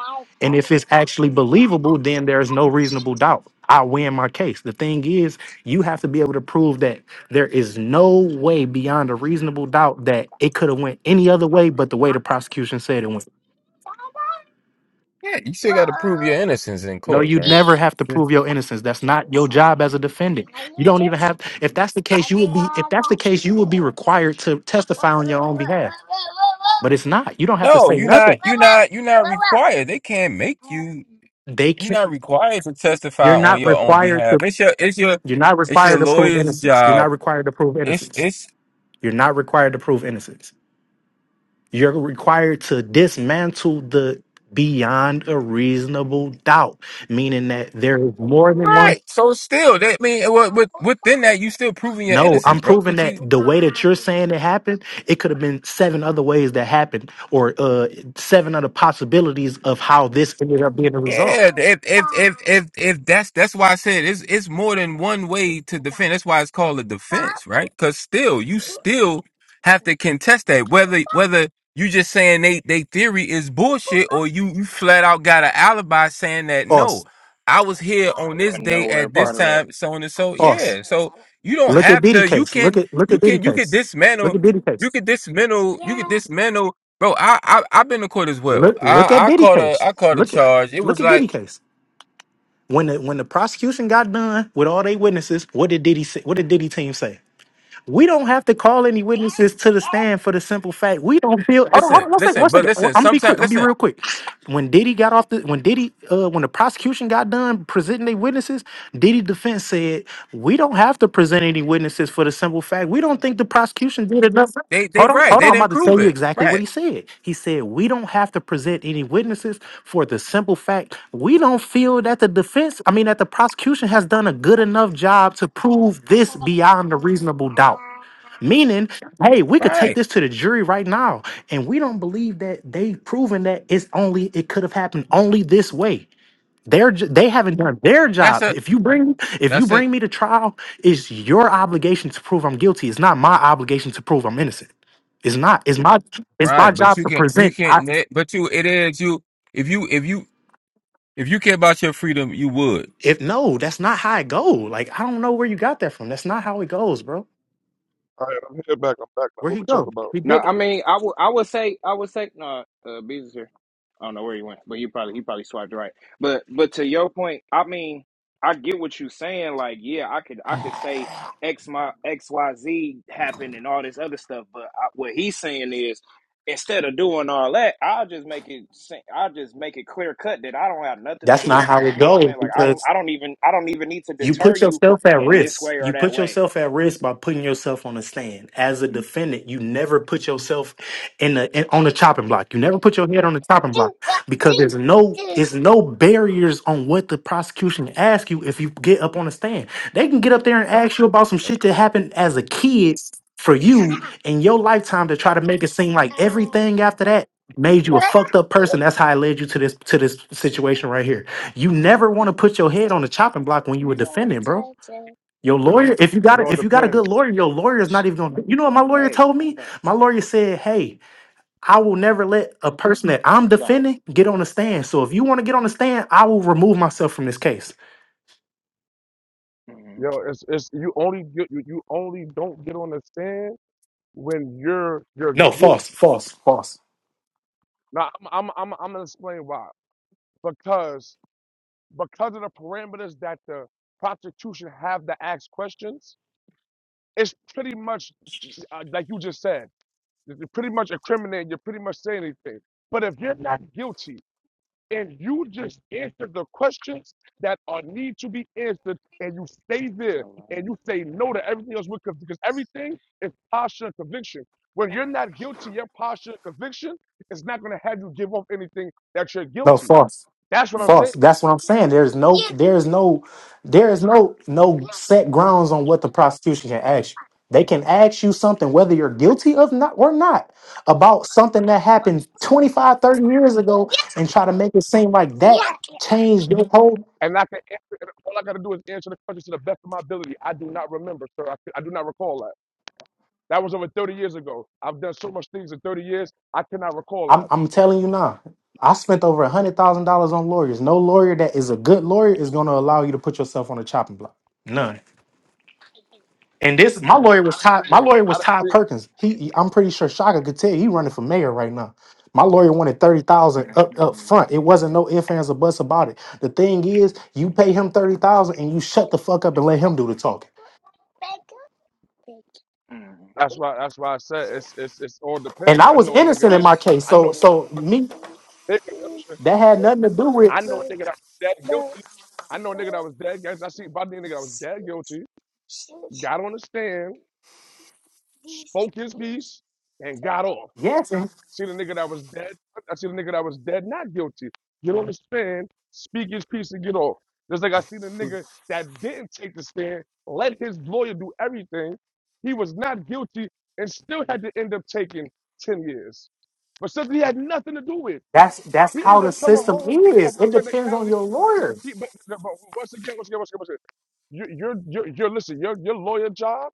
And if it's actually believable, then there is no reasonable doubt. I win my case. The thing is, you have to be able to prove that there is no way beyond a reasonable doubt that it could have went any other way but the way the prosecution said it went.
Yeah, you still got to prove your innocence in
No,
court,
you'd
man.
never have to prove your innocence. That's not your job as a defendant. You don't even have. If that's the case, you would be. If that's the case, you would be required to testify on your own behalf. But it's not. You don't have to
No,
say
you're not.
nothing.
You're not. You're not required. They can't make you.
They
You're
can.
not required to
You're
testify on
not
your own
required
behalf.
to.
It's your. It's your.
You're not
It's your
required to prove
lawyer's
innocence. You're
job.
not required to prove
It's
innocence.
it's
You're not required to prove innocence. You're required to dismantle the beyond a reasonable doubt, meaning that there is more than one
Right. So still, that mean what with, within that, you still proving your
No,
innocence,
I'm
bro.
proving
What
that
you
the way that you're saying it happened, it could have been seven other ways that happened, or uh, seven other possibilities of how this ended up being a result.
Yeah, if if if if if that's that's why I said it's it's more than one way to defend. That's why it's called a defense, right? Because still, you still have to contest that whether whether you just saying they they theory is bullshit or you you flat out got an alibi saying that
False,
no, I was here
I
on this
wasn't
day
nowhere
at this
part of
false,
that.
time, so on and so.
false.
Yeah, so you don't
Look at
have
Diddy
to. You
case. Look
can
at look
you
at Diddy
can you can
case. Look
dismantle.
at Diddy case.
You can dismantle. You can dismantle bro. I I I've been to court as well.
Look look at
I I
Diddy
caught a
case.
I caught a
Look at
charge. It
look
was
at Diddy
like
case. When the when the prosecution got done with all they witnesses, what did Diddy say, what did Diddy team say? We don't have to call any witnesses to the stand for the simple fact we don't feel. Hold on, hold
listen,
on, one second, one
listen, but
second. I'm
listen.
gonna be quick.
Sometimes
I'm gonna be
listen,
real quick. When Diddy got off the, when Diddy, uh, when the prosecution got done presenting their witnesses, Diddy defense said we don't have to present any witnesses for the simple fact we don't think the prosecution did enough.
they they
Hold on,
right.
hold
They
on. I'm
didn't
about to
prove
tell you
it.
exactly what
Right,
he said. He said, We don't have to present any witnesses for the simple fact we don't feel that the defense, I mean, that the prosecution has done a good enough job to prove this beyond a reasonable doubt. Meaning, hey, we could take
right.
this to the jury right now, and we don't believe that they've proven that it's only, it could have happened only this way. They're ju- they haven't done their
That's
job.
a
If you bring if you
that's a
bring me to trial, it's your obligation to prove I'm guilty. It's not my obligation to prove I'm innocent. It's not. It's my it's
right.
my
But
job
you
to
can you
present.
can't.
I,
ne- But you it is you if you if you if you care about your freedom, you would.
if no, that's not how it goes. Like I don't know where you got that from. That's not how it goes, bro.
All right, I'm here back. I'm back now.
Where
What
he
we talking
go?
about?
He
No,
did.
I mean, I would, I would say, I would say, no, uh, Bees here. I don't know where he went, but you probably, he probably swiped right. But, but to your point, I mean, I get what you're saying. Like, yeah, I could, I could say X, my X, Y, Z happened and all this other stuff. But I, what he's saying is, instead of doing all that, I'll just make it, sa- I'll just make it clear cut that I don't have nothing to
That's
do
not
with
how
this.
it
You know what I'm
goes
saying? Like, I don't,
because.
I don't even, I don't even need to
You
deter
put
you
yourself at
in this
risk.
way or
You
that
put
way.
yourself at risk by putting yourself on the stand. As a defendant, you never put yourself in the in, on the chopping block. You never put your head on the chopping block because there's no it's no barriers on what the prosecution asks you if you get up on the stand. They can get up there and ask you about some shit that happened as a kid for you in your lifetime to try to make it seem like everything after that made you a fucked up person. That's how it led you to this to this situation right here. You never want to put your head on the chopping block when you were defending, bro. Your lawyer, if you got
It
it,
all
if you got a good
depends.
Mhm.
lawyer, your lawyer is not even gonna. You know what my lawyer
Hey,
told
calm
me?
down,
My lawyer said, "Hey, I will never let a person that I'm
sit down.
defending get on the stand. So if you want to get on the stand, I will remove myself from this case."
Mm-hmm.
Yo, it's it's you only get you, you only don't get on the stand when you're you're
No, false,
guilty.
false, false.
Now I'm I'm I'm I'm gonna explain why. because because of the parameters that the prostitution have to ask questions, it's pretty much uh, like you just said. You're pretty much incriminating. You're pretty much saying anything. But if you're not guilty and you just answer the questions that are need to be answered, and you stay there and
Alright.
you say no to everything else with conv- because everything is posture and conviction. When you're not guilty, your posture and conviction is not going to have you give up anything that you're
No,
guilty.
false.
That's what I'm
Mm,
saying.
False. That's what I'm saying. There's no, there's no, there is no no set grounds on what the prosecution can ask you. They can ask you something whether you're guilty of not or not about something that happened 25, 30 years ago and try to make it seem like that changed your whole.
And I can answer, and all I got to do is answer the question to the best of my ability. I do not remember, sir. I, I do not recall that. That was over 30 years ago. I've done so much things in 30 years, I cannot recall
I'm,
that.
I'm telling you now. I spent over a hundred thousand dollars on lawyers. No lawyer that is a good lawyer is going to allow you to put yourself on a chopping block. None. And this, my lawyer was Todd. My
And
lawyer was Todd
honestly,
Perkins. He, he- I'm pretty sure Shaka could tell you he running for mayor right now. My lawyer wanted thirty thousand up up
mm,
front. It wasn't no ifs ands or buts about it. The thing is, you pay him thirty thousand and you shut the fuck up and let him do the talking.
mm.
that's why that's why I said it's it's it's all
And
depends.
I
I
was
know a nigga
innocent in
that
my case,
I know
so
a
so me
nigga
that had nothing to do
I
with
know a nigga that was dead guilty. I know a nigga that was dead guilty. I see body nigga that was dead guilty, got on the stand, spoke his piece, and got off.
yes. And
See the nigga that was dead. I see the nigga that was dead, not guilty. You don't understand. speak his piece, and get off. Just like I see the nigga that didn't take the stand, let his lawyer do everything. He was not guilty and still had to end up taking 10 years. But something he had nothing to do with.
that's that's
He
how
ended
the
up coming
system
home off
is.
a
It depends on
technicality.
your lawyer.
He, but, but once again, once again, once again, once again, you- you're, you're, you're, listen, your, your lawyer job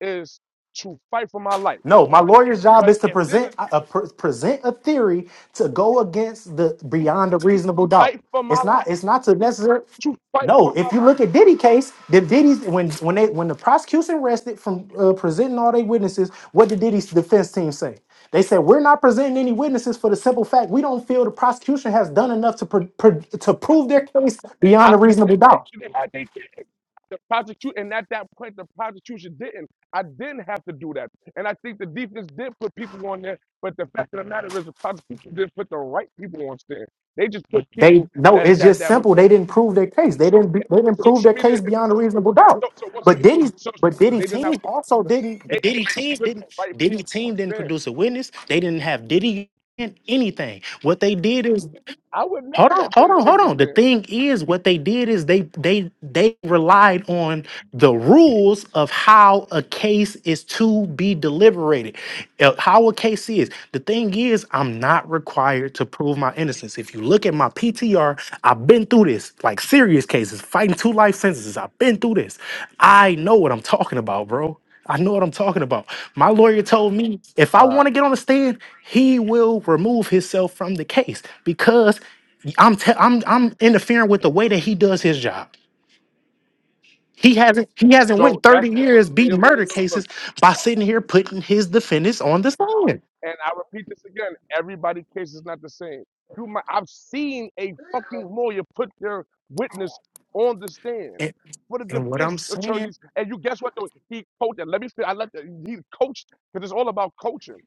is to fight for my life.
No, my lawyer's job
But
is to
if there's a
present a, a
chance,
pre- present a theory to go against the beyond a reasonable doubt.
fight for
It's
my
not
life.
it's not to necessarily
to fight
no.
for my
If you look
life.
at Diddy case, the Diddy's when when they when the prosecution rested from uh, presenting all their witnesses, what did Diddy's defense team say? They said we're not presenting any witnesses for the simple fact we don't feel the prosecution has done enough to pr- pr- to prove their case beyond
I,
a
they, they,
reasonable
they,
doubt.
they had they chance. The prosecution, and at that point, the prosecution didn't. I didn't have to do that. And I think the defense did put people on there, but the fact of the matter is, the prosecution didn't put the right people on stand. They just put
They
people
no,
that
it's
that
just
that was
simple.
that,
They didn't prove
uh,
their case. They didn't be- they didn't prove
social
their
media.
case beyond a reasonable doubt.
So, so once again,
But Diddy,
so, so,
but
so
Diddy
they did not
team
put
also didn't.
they
But
didn't
Diddy team
put the
didn't.
right
Diddy
people on
team didn't
stand.
produce a witness. They didn't have Diddy in anything. What they did is
I would never
Hold on,
let
hold
Diddy
on, hold
take the
on. The
stand.
thing is, what they did is they they they relied on the rules of how a case is to be deliberated, uh, how a case is. The thing is, I'm not required to prove my innocence. If you look at my PTR, I've been through this, like serious cases, fighting two life sentences. I've been through this. I know what I'm talking about, bro. I know what I'm talking about. My lawyer told me if I
All
want to get on the stand, he will remove himself from the case because I'm te- I'm I'm interfering with the way that he does his job. He hasn't he hasn't
So
went 30
that's and once
years
again, your
beating
lawyer
murder
loyal. Look, look,
cases by sitting here putting his defendants on the stand.
and I repeat this again: everybody's case is not the same. You might I've seen a fucking lawyer put their witness on the stand
And,
for the
and what I'm
defense
saying,
attorneys, and you guess what? Though he coached. And let me. fin- I let the, he coached because it's all about coaching.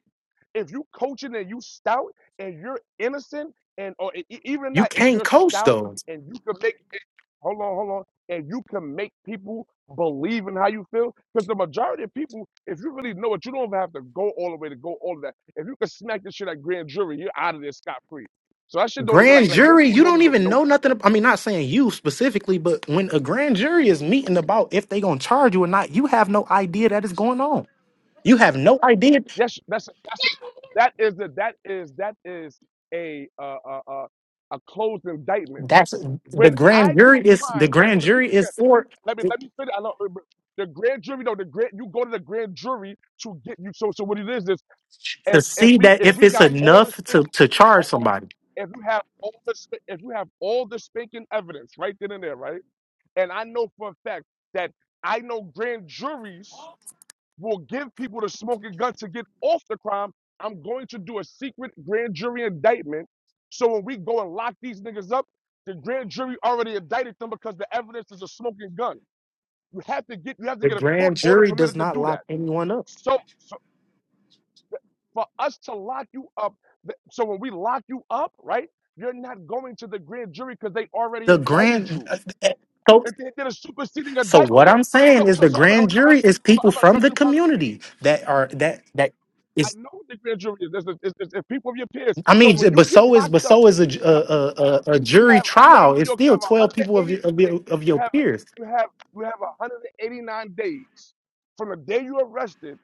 if you coaching and you stout and you're innocent and or e- e- even
you
not if
can't
you're
coach
stout
those
and you can make hold on hold on and you can make people believe in how you feel because the majority of people if you really know it you don't even have to go all the way to go all of that if you can smack this shit at grand jury you're out of there scot-free so that shit don't even
Grand
like like most
jury,
people
you
don't
don't
even
even
know
know
that bro
nothing. ab- I mean, not saying you specifically, but when a grand jury is meeting about if they gonna charge you or not, you have no idea that is going on. You have no idea.
yes that's that's it. that is the that is that is a uh uh uh a closed indictment
That's the
when i
grand
do a
jury is the
crime i'm
grand
going to speak
jury
this
is for.
Let me let me finish. I love, the grand jury though. The grand you go to the grand jury to get you. So so what it is is
to
if if
see
we
that
if
if
we
it's
got all the
enough
spank,
to to charge
hold on.
somebody.
if you have all the sp- if you have all the spanking evidence right then and there, right? And I know for a fact that I know grand juries will give people the smoking gun to get off the crime. I'm going to do a secret grand jury indictment. So when we go and lock these niggas up, the grand jury already indicted them because the evidence is a smoking gun. You have to get you have to
The
get a court
grand
order
jury does
permitted to
not
do
lock
that.
anyone up.
So, so for us to lock you up, th- so when we lock you up, right, you're not going to the grand jury because they already
The
indicted
grand
you.
so
And they did a superseding
so what
indictment.
I'm saying
So
is
so
the
so I'm, I'm, gonna-
grand
so
jury is people
I'm, so
from
I'm
the
gonna promise you,
community that are that that
I
is
know what the grand jury is. There's, there's, there's, there's people of your peers.
I
So
mean
when you
but
get
so is but
locked up,
so is a ju-
you
a,
have,
a, a a
you
jury
have I know in
trial.
New
It's
York you
still
have
12 people of your,
180
of
days.
your of
You
your
have
peers.
you have you have 189 days from the day you arrested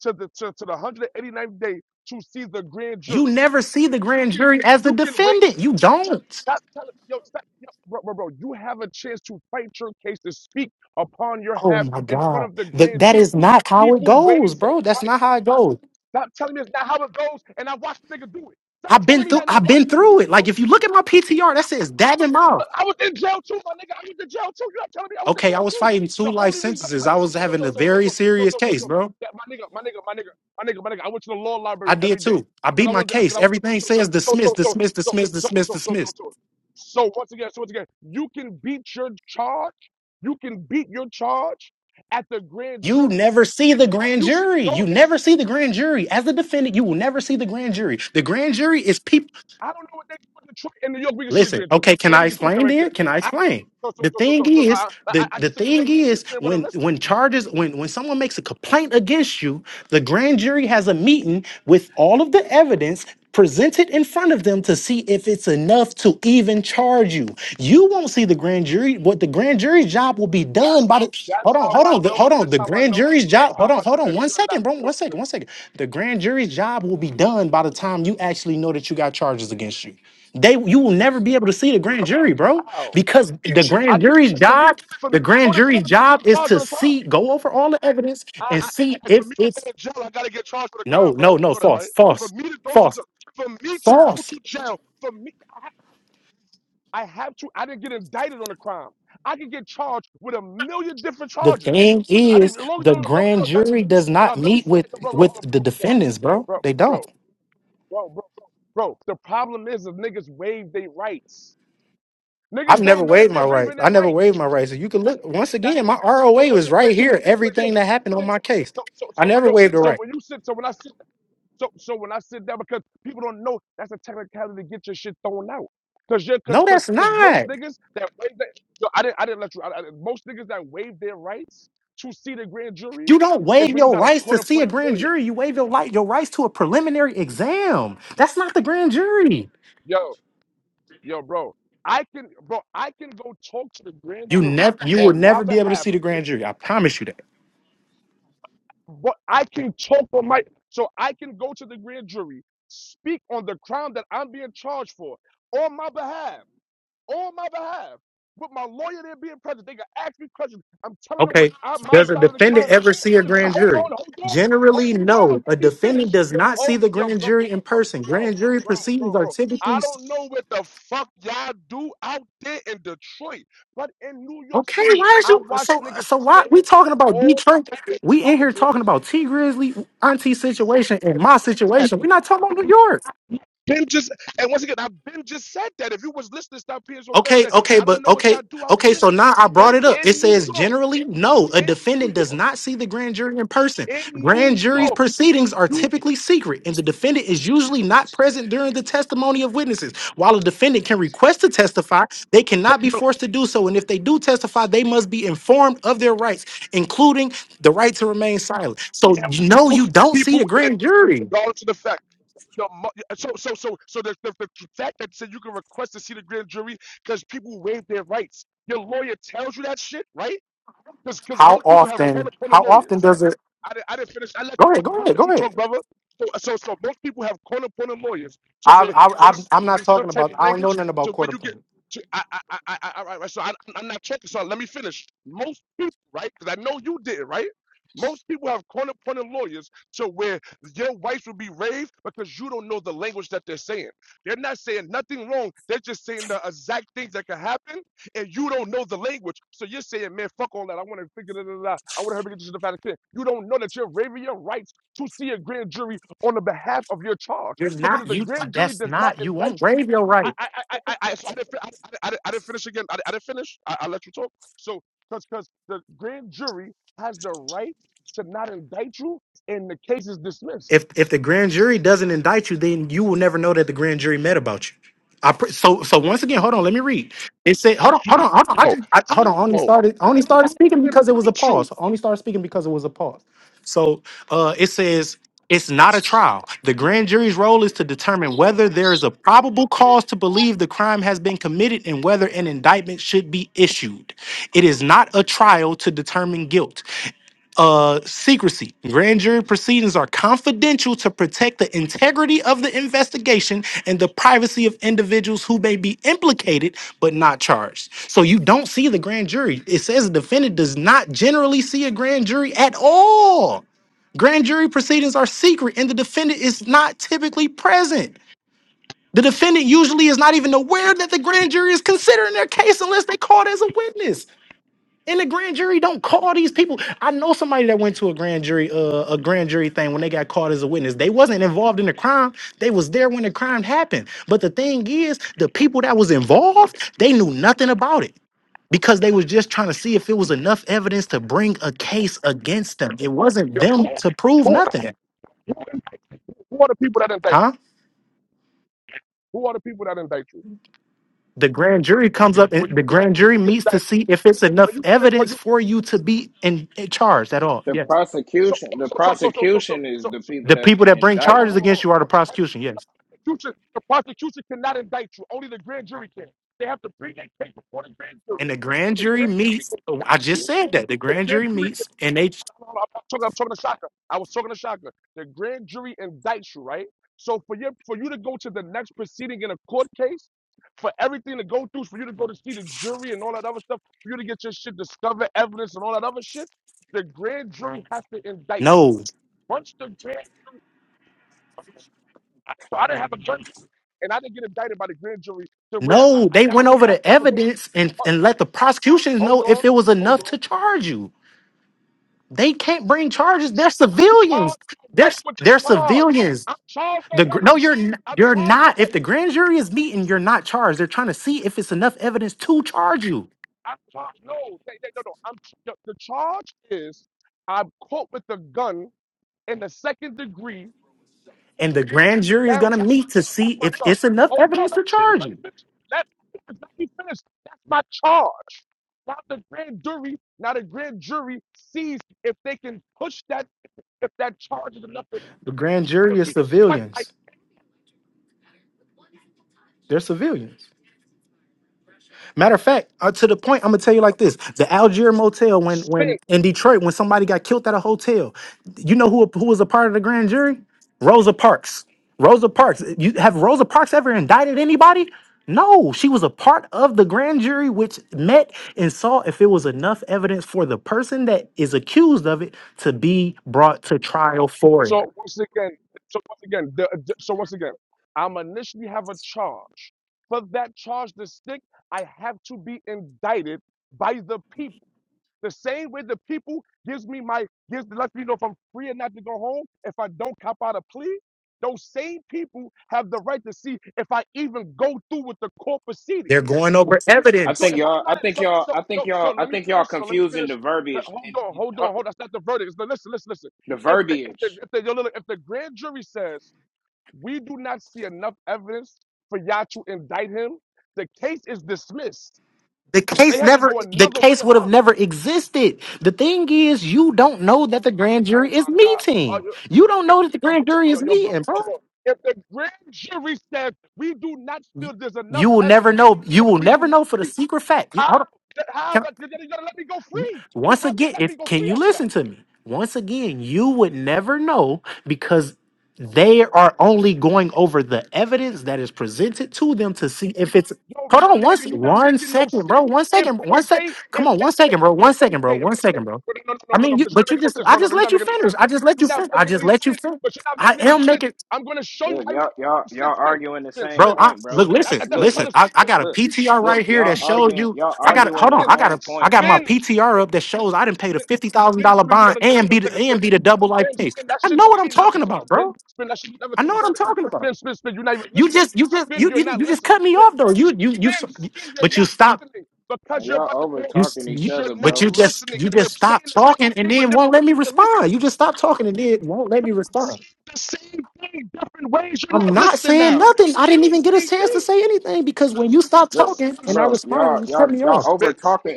to the to, to the ninth day to see the grand
You
jury.
never see the grand jury as the
You can wait.
defendant. You don't.
Stop telling yo, stop, yo, bro, bro, bro. You have a chance to fight your case to speak upon your
Oh
half
my
in front
God.
of the
That
grand
that
jury.
is not how it
People waive
goes, bro.
those
That's not
rights.
how it goes.
Stop telling me it's not how it goes, and I watched the nigga do it. Stop
I've been
telling me
through
that, and I
I've
watched
been
the nigga
through
do it,
it.
bro.
Like if you look at my PTR, that
I
says dab and
watched it.
mouth.
Look, I was in jail too, my nigga. I was in jail too. You're not telling me I was in
Okay, I
jail
was
too.
fighting two
The
life
only reason I
sentences. I
played
was
so
having
so
a
so so
very
so so
serious
so so
case,
so
bro.
that my nigga, my nigga, my nigga, my nigga, my nigga. I went to the law
I
library
did
every day
too. I beat
because I
my
wanted because
case.
I was gonna do
Everything says
something. So
dismiss,
so so
dismiss,
so
dismiss,
so
dismiss,
so so so
dismiss.
so. So once again, so once again, you can beat your charge. You can beat your charge at the grand
You
jury.
never see the grand
You can
jury.
go.
You never see the grand jury. As a defendant, you will never see the grand jury. The grand jury is people.
I don't know what they do in Detroit. In New York, we can see the
Listen,
grand jury.
okay,
So
can
let
I
me just put that
explain
right
then?
there.
Can I
I,
explain?
so, so,
The
so, so,
thing
so, so
is,
I,
the,
I, I
the
just
thing
explained to you.
is
You want to
when
listen.
when charges when when someone makes a complaint against you, the grand jury has a meeting with all of the evidence presented in front of them to see if it's enough to even charge you. You won't see the grand jury. What the grand jury's job will be done by the hold
That's
on,
how
hold
I
on, the-
know.
hold on.
That's
The
how I
grand
know.
jury's
That's
job,
how
hold on,
I
hold
know
on,
that
one
you're not.
second, bro.
You
One
don't.
second,
feel-
one second. The grand jury's job will be done by the time you actually know that you got charges against you. They you will never be able to see the grand jury, bro,
How?
because the
I
grand
get
jury's
ch- for me.
job,
For me
the
to go
grand
to jail,
jury's
I gotta
job
get
is
charged
to
with a
see,
crime.
go over all the evidence
I,
and
I, I,
see
for
if
me to
it's
go to jail, I gotta get charged with a
no,
crime,
no,
bro. You
no,
know that,
false,
right? For
false,
me to go to
false,
jail, for me to go
false.
to jail, for me, I I have to. I didn't get indicted on a crime. I could get charged with a million different
The
charges.
thing
I
is,
didn't. As long as they
the
don't,
grand
that,
jury does
no,
not
let me
meet with
bro, bro,
with the defendants, bro.
bro,
They don't.
bro, bro, bro, bro, The problem is, if niggas waive their rights,
I've
niggas
never
don't know
waived
that
my
they're
rights.
waiving
I
their
never
rights.
waived my rights. You can look once
That's
again. My
so. so,
ROA
What's
was
it? So
right
so
here.
so. wait, So
Everything that happened on
when you sit,
my case,
so so
I
so
never
so
waived a
so
right.
when you sit, so when I sit. So so when I sit down, because people don't know that's a technicality to get your shit thrown out. Cause you're
No,
cause cause
that's
cause
not.
most niggas that waive that yo, I didn't I didn't let you I, I, most niggas that waive their rights to see the grand jury
You don't
is
waive
when you
your
got a
rights to
court
see a
appointed
grand
lawyer.
jury. You waive your right your rights to a preliminary exam. That's not the grand jury.
Yo, yo, bro. I can bro, I can go talk to the grand
You
jury
never you will
on my
never be able to
behalf,
see the grand jury. I promise you that.
but I can talk on my so I can go to the grand jury, speak on the crime that I'm being charged for on my behalf. on my behalf. With my lawyer there being present, they can ask me questions. I'm telling them
Okay.
what I, my
Does a
side of the
defendant
crime is.
ever see a grand
Hold on,
jury?
hold on,
Generally,
hold on.
no. A
Let me
defendant
finish.
does not see
Hold,
the
yo,
grand
bro,
jury in
bro,
person.
bro,
Grand jury
bro,
proceedings
bro,
are
bro.
typically
I don't
s-
know what the fuck y'all do out there in Detroit, but in New York
okay.
City,
Why is
I
you
watch
so
niggas
so? Why
spend
we talking about
all
Detroit?
type of
We in here
charges.
talking about T Grizzly, Auntie situation, and my
Fuck that.
situation. We're not talking about New York.
Ben just, and once again, I Ben just said that. If you was listening to that PS on
Okay,
Thursday,
okay,
I don't
but
know what
okay,
y'all do out
okay.
there.
So now I
But
brought it up. It
in New
says
York.
generally, no, a
in New
defendant does
York,
not see the grand jury in person.
in
Grand
New
jury's
York,
proceedings are
you
typically secret, and the defendant is usually not present during the testimony of witnesses. While a defendant can request to testify, they cannot be
can
forced to do so. And if they do testify, they must be informed of their rights, including the right to remain silent. So you
have
know you
most
don't see the
people in
grand jury.
regardless of the fact. The, mo- so so so so the, the, the fact that said you can request to see the grand jury because people waive their rights. Your lawyer tells you that shit, right? Because because
How
most people have corner
often?
corner
How
lawyers.
often does it?
I didn't, I didn't finish. I let you
Go ahead.
talk.
Go
I
ahead.
let
Go
you
ahead.
talk, brother. So, so, so most people have corner corner lawyers to
I,
where
I,
they
I'm, I'm
speak
not
in some
talking
type
about.
of
I don't know
language
nothing about
to where
quarter
you get
point.
to. I, I, I, I, I all right, right, so I, I'm not checking. So let me finish. Most people, right? Because I know you did, it, right? Most people have corner corner lawyers to where your wife will be raved because you don't know the language that they're saying. They're not saying nothing wrong. They're just saying the exact things that can happen and you don't know the language. So you're saying, man, fuck all that. I want to figure it out. da, da. I want to help you get to the fact that You don't know that you're waiving your rights to see a grand jury on the behalf of your charge
You're
because
not.
if the
You.
grand jury
That's
does not
not. You
indict
won't
you,
waive your right.
I, I, I, I, I, so I, didn't, I, I, I didn't finish again. I, didn't- I didn't finish. I, I let you talk. So because because the grand jury has the right to not indict you, and the case is dismissed.
if if the grand jury doesn't indict you, then you will never know that the grand jury met about you. I pr- so so once again, hold on, let me read. It said, hold on, hold
How?
on, hold on. I
How?
just I, hold on.
They
I only started I only started
have to
speaking because it was a
indict you.
pause. I only started speaking because it was a pause. So uh, it says it's not a trial. The grand jury's role is to determine whether there is a probable cause to believe the crime has been committed and whether an indictment should be issued. It is not a trial to determine guilt uh secrecy grand jury proceedings are confidential to protect the integrity of the investigation and the privacy of individuals who may be implicated but not charged so you don't see the grand jury it says the defendant does not generally see a grand jury at all grand jury proceedings are secret and the defendant is not typically present the defendant usually is not even aware that the grand jury is considering their case unless they called as a witness and the grand jury don't call these people. I know somebody that went to a grand jury, uh, a grand jury thing when they got called as a witness. They wasn't involved in the crime. They was there when the crime happened. But the thing is, the people that was involved, they knew nothing about it because they was just trying to see if it was enough evidence to bring a case against them. It wasn't
Yo,
them to prove
Who,
nothing,
who, who are the people that indict you?
huh?
Who are the people that indict you?
The grand jury
When you
comes
get
up
it,
and
when you
the
when you
grand
get,
jury
you get
meets to
indicted,
see if it's
when
enough
you get it, when
evidence
you
for you to be in, in charged at all.
The
Yes.
so
prosecution, the
so so so so so so
prosecution is
so,
the
so
people
The
that's
people that bring
hold on,
indicting
charges
hold on,
you.
hold
against you are
on.
the
No, the
prosecution. Yes.
prosecution, the prosecution cannot indict you. Only the grand jury can. They have to bring that case before the grand jury.
And the grand
And the
jury
grand jury
meets. oh, I
indicts
just
you.
said that the
the
grand jury
grand jury.
meets, and they
no, no, I'm not talking. I'm talking to Shaka. I was talking to Shaka. The grand jury indicts you, right? So for you, for you to go to the next proceeding in a court case, for everything to go through, for you to go to see the jury and all that other stuff, for you to get your shit discovered, evidence and all that other shit, the grand jury has to indict you.
no,
Once the grand, I- so I didn't have a gun, and I didn't get indicted by the grand jury to where I,
no,
I
they
that,
went over
that
the
that was what.
evidence and
Hold
and let the prosecutions know
hold
if
on,
it was
hold
enough
on.
to charge you. They can't bring charges. They're
I'm charged
civilians. They're
already with
they're
the charge.
civilians.
I'm charged
The gr-
already.
no, you're n-
I'm
you're
charged
not. If
already.
the grand jury is meeting, you're not charged. They're trying to see if it's enough evidence to charge you,
I'm charged. No, they, they, no, no. I'm the, the charge is I'm caught with a gun in the second degree
and the grand jury is gonna
downtown.
meet to see
That's my
if
charge.
it's enough
Hold
evidence
on, let
to
me finish.
charge
Let me
you.
finish. Let, let me finish. That's my charge. Now the grand jury, now the grand jury sees if they can push that, if that charge is enough to
The grand jury is
fight like
civilians. They're civilians. Matter of fact, uh, to the point, I'm gonna tell you like this: the Algier Motel, when
sin.
when in Detroit, when somebody got killed at a hotel, you know who who was a part of the grand jury? Rosa Parks. Rosa Parks. You have Rosa Parks ever indicted anybody? No, she was a part of the grand jury, which met and saw if it was enough evidence for the person that is accused of it to be brought to trial for it.
So once again, so once again, the, the- so once again, I'm initially have a charge. For that charge to stick, I have to be indicted by the people. The same way the people gives me my gives lets me know if I'm free or not to go home. If I don't cop out a plea, those same people have the right to see if I even go through with the court
They're
proceedings.
going over
I
evidence.
So
think
if I'm
y'all, I
not in,
think
so
y'all,
so
I think
so so
y'all, I
let me
think y'all
finish. So let me
confusing the
finish. Uh,
verbiage
Hold
and
on,
you-
hold on,
huh,
hold on. That's not the verdict. No, listen, listen, listen.
the
If the if the
verbiage.
if the, yo, look, if the grand jury says we do not see enough evidence for y'all to indict him, the case is dismissed.
The
They
case
have to
never
go
the
another way
case would have
about it.
never existed. The thing is you don't know that the grand
Oh
jury is
my God. Oh,
meeting.
yo,
You don't know that the grand jury
yo,
is
yo, bro,
meeting,
bro,
bro.
bro. If the grand jury says we do not feel there's enough
You will never
evidence,
know.
or
You will
we do
never
not
know for the
see
secret fact. You,
how,
hold on.
how, you gotta let me go free. You
Once
have to
again,
let me
if
go
can
free
you
after that.
listen to me? Once again, you would never know because they are only
Oh
going
shit.
over the evidence that is presented to them to see if it's
Yo,
hold
my
on one, s-
nigga, you not
one
making no
second,
sense.
bro. One
If
second,
they
one sec.
say,
Come
if
on,
they
one
say,
second, bro.
if
One
they
second, bro.
say, if
One
they say,
second, bro.
well, no, no, no,
I
no, no,
mean, you,
because you're not
but you
making no
just,
sense.
I
No, no,
just
no, you're
let
not
you
making no
finish.
sense.
I just let
You're
you
not
finish. I
making
just
any
let you
sense,
finish.
but you're not
I
making any
am
sense.
making.
I'm going to show you
Look,
how you're
y'all,
not
y'all,
making no
y'all
sense. Spin,
arguing the
spin,
same
Bro,
spin,
I
point, bro.
look,
spin. That-
listen,
That's-
that- that's what
look,
I'm
listen.
trying
look,
to
I,
spin
I
to
got
him.
a
look,
He's
PTR
not
look.
right
listening.
here
Y'all
that
Spin, spin,
shows
arguing,
you.
y'all
I
spin,
got a
arguing
hold
the
on.
listen.
I got
same
a I
point,
got my
Spin,
bro.
PTR
listen.
up that shows I didn't pay the
Spin,
fifty thousand
spin,
dollar
spin. You got
bond
to listen
and
one
be the
second. Spin,
and be the double life
spin,
case.
spin. That
I
shit
know
don't
what I'm
mean
talking
nothing to me.
about,
Spin,
bro.
spin. That shit mean nothing
I
to
know
me.
what I'm
Spin,
talking about.
spin, spin, spin. You're not even
You
listening.
just you just
Spin,
you
you're
didn't
not
you just
listening.
cut me
Spin.
off though. You you you,
Man, skinny, you're
but you
not
stopped
listening because
Yo,
you're about to go,
you, s- you
because you're
but
not
bro,
you just
listening.
you
And we're
just
saying
stopped
the
talking
same
and
thing with
then won't
different
let
ways.
me
You're going to
respond.
listen.
You just stopped talking and then won't let me
We're
respond.
saying the same thing different ways. You're
I'm
not
not
listening
saying
now.
nothing. I
We're
didn't
saying
even get
the
a
same
chance to
thing.
say anything because when you stopped
look,
talking
Spin,
and I
spin, spin,
responded, you cut me
spin,
off.
spin, spin.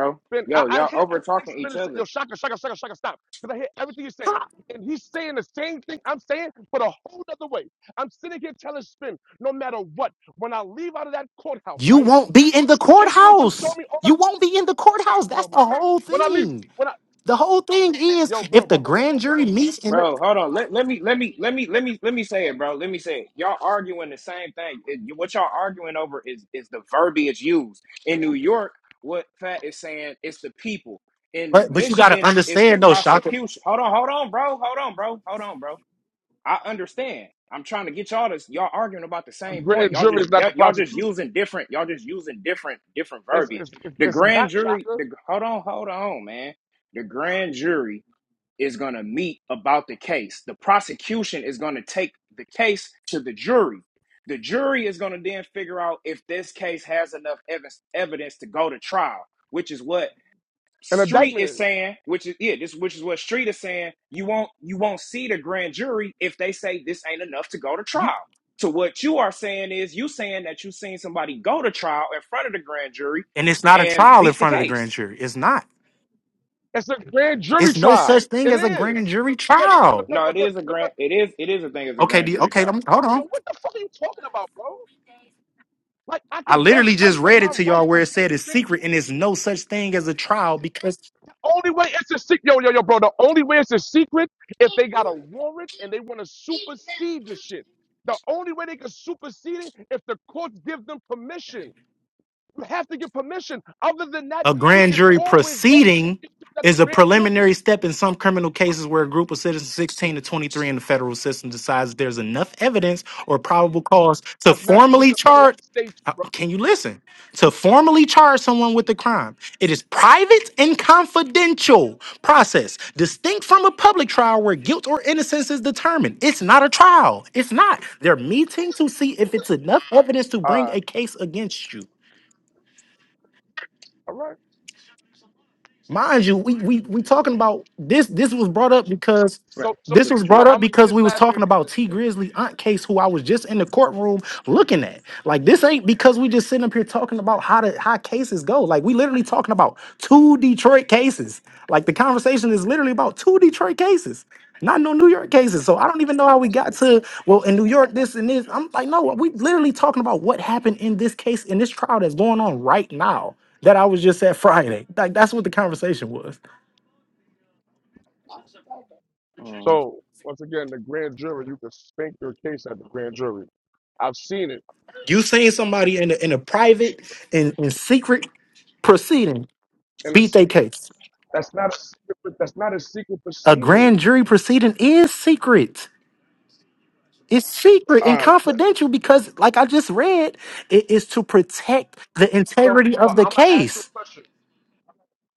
bro.
spin. I,
Yo,
I hear everything spinning. Yo, shaka, shaka, shaka, shaka, stop. Because I hear everything you're saying.
Ha!
And he's saying the same thing I'm saying, but a whole other way. I'm sitting here telling spin, no matter what, when I leave out of that courthouse,
You
right?
won't be in the
It's going to show
courthouse.
me all
You won't be in the courthouse. That's
Oh my
the
God.
whole
When I leave,
thing.
when I,
The whole thing is
yo, bro,
if the
bro, bro, bro,
grand
bro, bro,
jury
bro.
meets in the
Bro, hold on. Let, let me let me let me let me let me say it, bro. Let me say it. Y'all arguing the same thing. It- you- what y'all arguing over is is the verbiage used. In New York, what Fat is saying it's the people. In
but but you gotta
Michigan, it's the
understand though, Shaka.
prosecution. Hold on, hold on, bro. Hold on, bro. Hold on, bro. I understand. I'm trying to get y'all to Y'all arguing about the
A
same point.
grand
Y'all
jury
just
is not the
y- y'all just
prosecution.
using different. Y'all just using different different
It's,
verbiage.
it's, it's,
The
it's
grand
not
jury.
shocker.
The hold on, hold on, man. The grand jury is going to meet about the case. The prosecution is going to take the case to the jury. The jury is going to then figure out if this case has enough ev- evidence to go to trial, which is what
An
Street
indictment
is
is.
saying, which is yeah, this which is what Street is saying. You won't you won't see the grand jury if they say this ain't enough to go to
You
trial. So what you are saying is you saying that you seen somebody go to trial in front of the grand jury
and it's not a
and
trial in
beat the
front of the grand
case.
jury. It's not.
It's a grand jury
It's no such
trial.
thing
It
as a grand
is.
jury
Because,
trial.
because,
No, it
because,
is a
because,
grand. It is it is a thing as a
Okay,
grand
the,
jury
okay, I'm,
trial.
hold
yo,
on.
what the fuck are you talking about, bro? Like, I
I
could go
literally just
fight for
read it
my
to y'all
rights
where it
against
said
the
it's
grand
secret and
jury.
it's no such thing as a trial because
Only way it's a secret, yo, yo, yo, bro. The only way it's a secret if they got a warrant and they want to supersede the shit. The only way they can supersede it if the courts give them permission. You have to get permission. Other than that,
A
you
grand
can
jury
always go take
proceeding
it to the
is a
grand jury.
preliminary step in some criminal cases where a group of citizens 16 to 23 in the federal system decides there's enough evidence or probable cause to
That's not just
formally
a federal
charge.
state,
uh,
bro.
Can you listen? To formally charge someone with a crime. It is private and confidential process, distinct from a public trial where guilt or innocence is determined. It's not a trial. It's not. They're meeting to see if it's enough evidence to bring
Uh,
a case against you.
all right.
mind you, we we we talking about this. This was brought up because
So, so,
this was
so
brought up
I'm gonna say
because
this
we was
last thing
talking
again.
about T Grizzly aunt case, who I was just in the courtroom looking at. Like this ain't because we just sitting up here talking about how to how cases go. Like we literally talking about two Detroit cases. Like the conversation is literally about two Detroit cases. Not no New York cases, so I don't even know how we got to well in New York this and this. I'm like, no, we literally talking about what happened in this case in this trial that's going on right now that I was just at Friday. Like that's what the conversation was.
So, once again, the grand jury, you can spank your case at the grand jury. I've seen it
You seen somebody in a, in a private and in, in secret proceeding
in a
beat their
state.
case.
That's not a secret. That's not a secret
A
proceeding.
grand jury proceeding is secret. It's secret
All
and
right.
confidential because, like I just read, it is to protect the
So,
integrity
so
of the
I'm gonna ask you a
case.
question.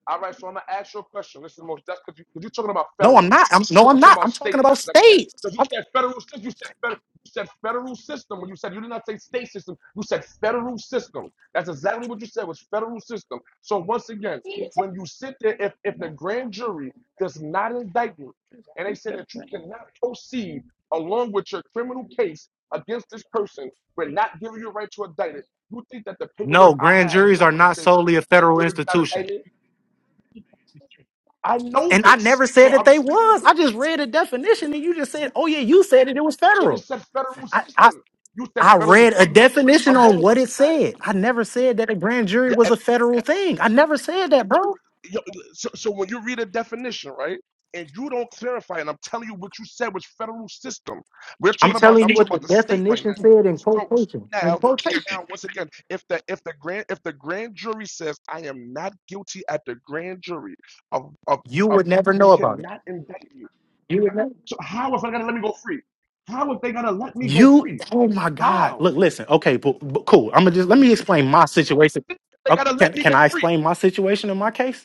All right. So I'm gonna ask you a question. This is the most. That's because you, 'cause you're talking about
No,
federal.
I'm not. I'm, no, I'm
I'm talking
not. I'm
about
talking
state.
about
now. Like I said,
states.
Because you
I'm-
said federal system. You said, federal, you said federal system. When you said you did not say state system, you said federal system. That's exactly what you said was federal system. So once again, when you sit there, if, if the grand jury does not indict you, and they
Oop,
say
that
that you
thing.
cannot proceed along with your criminal case against this person, we're not giving you a right to indict it. You think that the
no,
paperwork I
grand
have is
juries are
not going to
not
say
solely a
grand
federal
jury did not
institution.
indict me? I know
And I
this,
never said
so
that
I'm
they
speaking
was. I
against.
just read a definition and you just said, oh, yeah, you said it. It was
It
federal.
is said federal
I, I
system. You said
I
federal
read a
system.
definition
I'm going
on
on
what
what
it
you read.
said. I never said that a grand jury
Yeah,
was
and,
a federal thing. I never said that, bro.
and- yo, so, so when you read a definition, right, and you don't clarify, and I'm telling you what you said was federal system. We're
I'm
talking about.
telling
I'm
you
talking
what the
about the state right
definition
now.
said in
So, so
quotation. In
now, so
quotation,
now, once again, if the if the grand if the grand jury says I am not guilty at the grand jury of of,
you
of
would never
you
know about it.
cannot indict me.
You
You
would
cannot-
never.
So how if I gotta let me go free? How if they gotta let me go
You.
free?
Oh my God.
How?
Look, listen. Okay, but, but cool. I'm gonna just let me explain my situation.
They
Okay,
gotta let
can
me
can
go
I
free.
explain my situation in my case?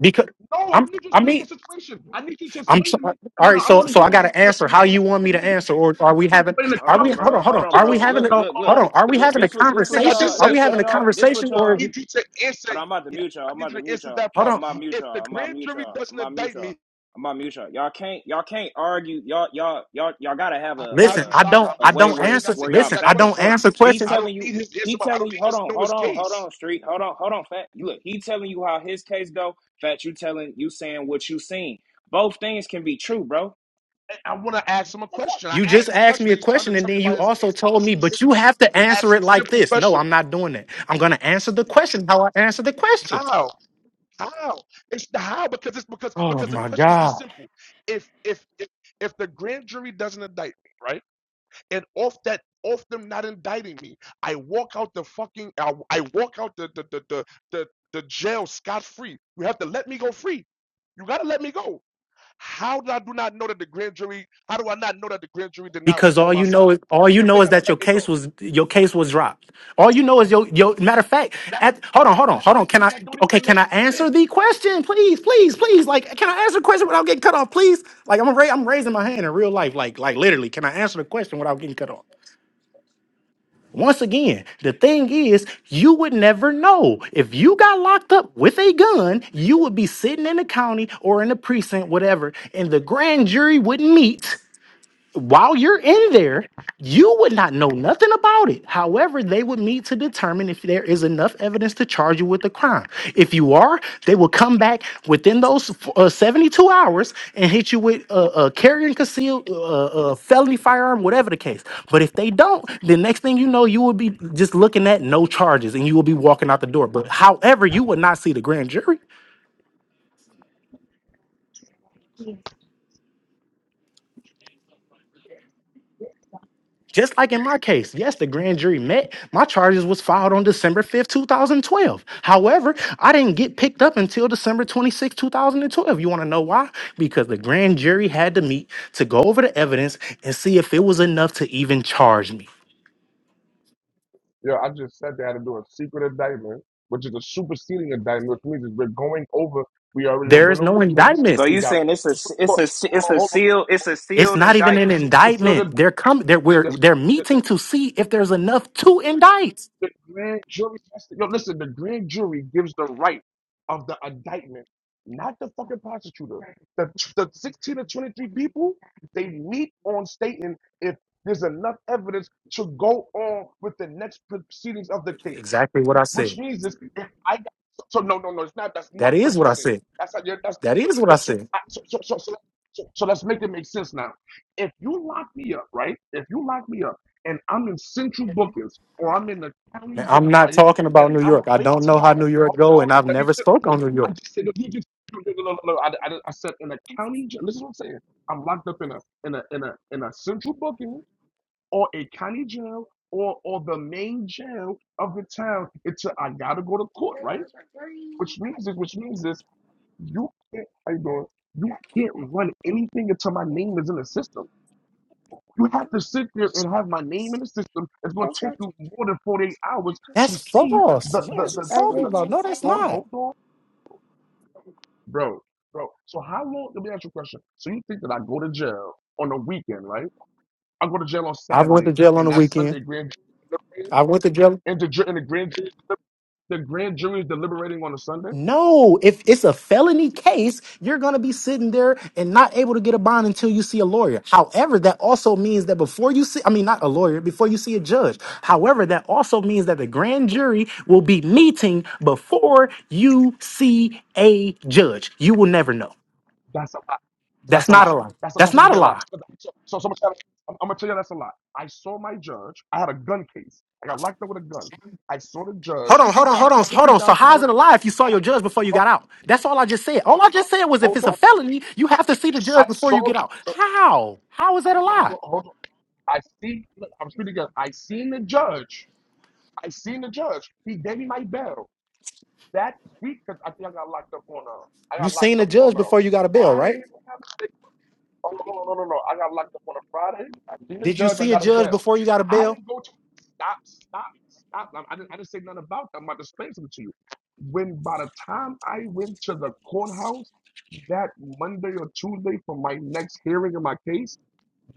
Because
No, I'm
I'm.
literally
I
explaining
mean,
your situation. I need you to
I'm
explain
so,
to
all
me. I don't know.
right.
no, I don't
So
want to
so
hear
I
your
got to
lecture.
answer.
I
How
don't
you
want
want me
to
to
hear you.
answer? Or
I
are
want
we
you to
having?
explain the
Hold
Are we?
on,
common
Hold
bro.
on.
sense
Hold
thing
Hold
I
on.
on,
just
Are
said.
we
bro.
having?
Look,
A,
No,
look, look,
hold
hold
on.
on.
Are we
look.
The
having a
This
common
what
sense
this what
thing I
conversation?
y'all.
just
Are
said.
we
This what
having a
Hold on.
y'all. This what
conversation?
I
y'all.
Or
need you to answer.
Hold on, I'm about to
Yes,
mute y'all.
I
I'm
need
about to
you to
mute
answer
y'all.
that
hold
part.
I'm
on.
about to mute
If the
y'all. I'm about to
grand
mute
jury
y'all. I'm
doesn't
about to mute
indict
y'all.
me,
I'm about to mute y'all. Y'all can't. Y'all can't argue. Y'all. Y'all. Y'all. Y'all gotta have
I
a
got
Listen.
you,
a
I
Shaka.
don't.
I'm
a
I
just
way
don't
where
Shaka. You
it's
answer.
got to
where y'all
answer
Listen.
that
I
back and
don't
question.
forth.
answer
He
questions.
I don't
telling you.
need his answer.
He
I
telling
don't
you.
need
Hold
to
on.
know
Hold
his
on. Hold
case.
on. Street. Hold on. Hold on. Fat. You look. He telling you how his case go. Fat. You telling you saying what you seen. Both things can be true, bro.
I, I want to ask him a question. I
You just
asked him a
asked
question
me
that
a
he's trying to
question and
tell me
then
about
you
his
also
case. I
told
don't
me,
want to hear
but you have to
the
answer
actual
it like
simple
this. No,
question.
I'm not doing that. I'm going to answer the question how I answer the question.
How? How? It's the how because it's because
Oh
because the
my
question is
God.
this simple. If if if, if the grand jury doesn't indict me, right? And off that off them not indicting me, I walk out the fucking I, I walk out the the the the the, the jail scot free. You have to let me go free. You gotta let me go. How do I do not know that the grand jury? How do I not know that the grand jury did not
because
was
all
on my
you
side?
know is all you
If they
know is
gotta
that your
let me
case
go,
was your case was dropped. All you know is your your matter of fact. At, hold on,
that
hold on, hold on. Can I
that don't
okay?
even
Can
make
I
sense.
answer the question, please, please, please? Like, can I answer the question without getting cut off, please? Like, I'm ra- I'm raising my hand in real life, like like literally. Can I answer the question without getting cut off? Once again, the thing is, you would never know. If you got locked up with a gun, you would be sitting in the county or in the precinct, whatever, and the grand jury would meet while you're in there, you would not know nothing about it. However, they would need to determine if there is enough evidence to charge you with the crime. If you are, they will come back within those uh, 72 hours and hit you with a uh, uh, carry and conceal, uh, uh, felony firearm, whatever the case. But if they don't, the next thing you know, you will be just looking at no charges and you will be walking out the door. But however, you would not see the grand jury. Just like in my case, yes, the grand jury met. My charges was filed on December 5th, 2012. However, I didn't get picked up until December twenty sixth, two 2012. You want to know why? Because the grand jury had to meet to go over the evidence and see if it was enough to even charge me.
Yeah, I just said they had to do a secret indictment, which is a superseding indictment, which means is we're going over, we already done
There is
went over
no
the case.
indictment.
So
We
you
got,
saying it's a it's
hold
a it's
on,
a
hold on.
sealed it's a
It's
sealed
not even an
indictment?
It's a, it's a sealed
indictment. They're coming. They're we're, they're
indictment.
meeting to see if there's enough to indict.
The grand jury has to, yo, listen, the grand jury gives the right of the indictment, not the fucking prosecutor. The, the 16 or 23 people, they meet on stating if there's enough evidence to go on with the next proceedings of the case.
Exactly what I
Which
said.
means this, if I got, so no, no, no, it's not, that's
That
not
is
what you're
what I
saying.
said.
That's not, you're- that's not
That
what
is
you're
what I
saying.
said.
I- So, so, so, so, so, so let's make it make sense now. If you lock me up, right? If you lock me up, and I'm in Central Bookings or I'm in the county
Man, I'm
jail,
not
right?
talking about
And
New
I'm
York. I
waiting.
don't know how New
Let me,
York
hold
go,
on,
and I've
let me
never
just,
spoke
I,
on New
I
York.
just said, no, you just, no, no, no, no, no. I, I, I said in a county jail. This is what I'm saying. I'm locked up in a in a in a in a Central Booking or a county jail or or the main jail of the town. It's a, I gotta go to court, right? Which means is which means is you can't. How you doing? You
Yeah.
can't
Come on.
run anything until my name is in the system. You have to sit there and have my name in the system. It's going to take you more than 48 hours to
That's
see
false.
the,
What are
the,
you
the, the, the,
talking
the
about? No, that's
hold on,
not.
hold on, bro, bro. So how long, let me ask you a question. So you think that I go to jail on a weekend, right? I go to jail on
I went
Saturday
to jail on
and
the
that
weekend.
Sunday grand jury,
I went to jail.
and the, ju- and the grand, jury- the grand jury is deliberating on a Sunday?
No, if it's a felony case, you're going to be sitting there and not able to get a bond until you see a lawyer. However, that also means that before you see, I mean, not a lawyer, before you see a judge. However, that also means that the grand jury will be meeting before you see a judge. You will never know.
That's a lot. That's
That's
a
not a
lot.
lie.
That's a,
That's
that's a
not a
complete lot.
lie.
So, so, so so much. I'm, I'm gonna tell you that's a lot. I saw my judge. I had a gun case. I got locked up with a gun. I saw the
Hold
judge.
on, hold
I
on,
had
hold
a
on, hold
fifty
on. So
thousand
how's
dollar.
it a lie if you saw your judge before you got
Hold
out? That's all I just said. All I just said was if it's a
on.
felony, you have to see the
I
judge before
saw.
you
Hold
get out. How? How is that a lie?
on. Hold on. I see. Look, I'm speaking again. I seen the judge. I seen the judge. He gave me my bail that week. Cause I think I got locked up on a. I
You
got locked
seen a
up on
judge
a
before you got a bail, right?
Friday. If I'm not mistaken. Oh, no, no, no, no, no. I got locked up on a Friday. I did
Did you
judge. I
see a
got a
judge
bail.
before you got a
I
bail?
didn't go to stop, stop, stop. I, I, didn't, I didn't say nothing about that. I'm about to explain something to you. When by the time I went to the courthouse that Monday or Tuesday for my next hearing in my case,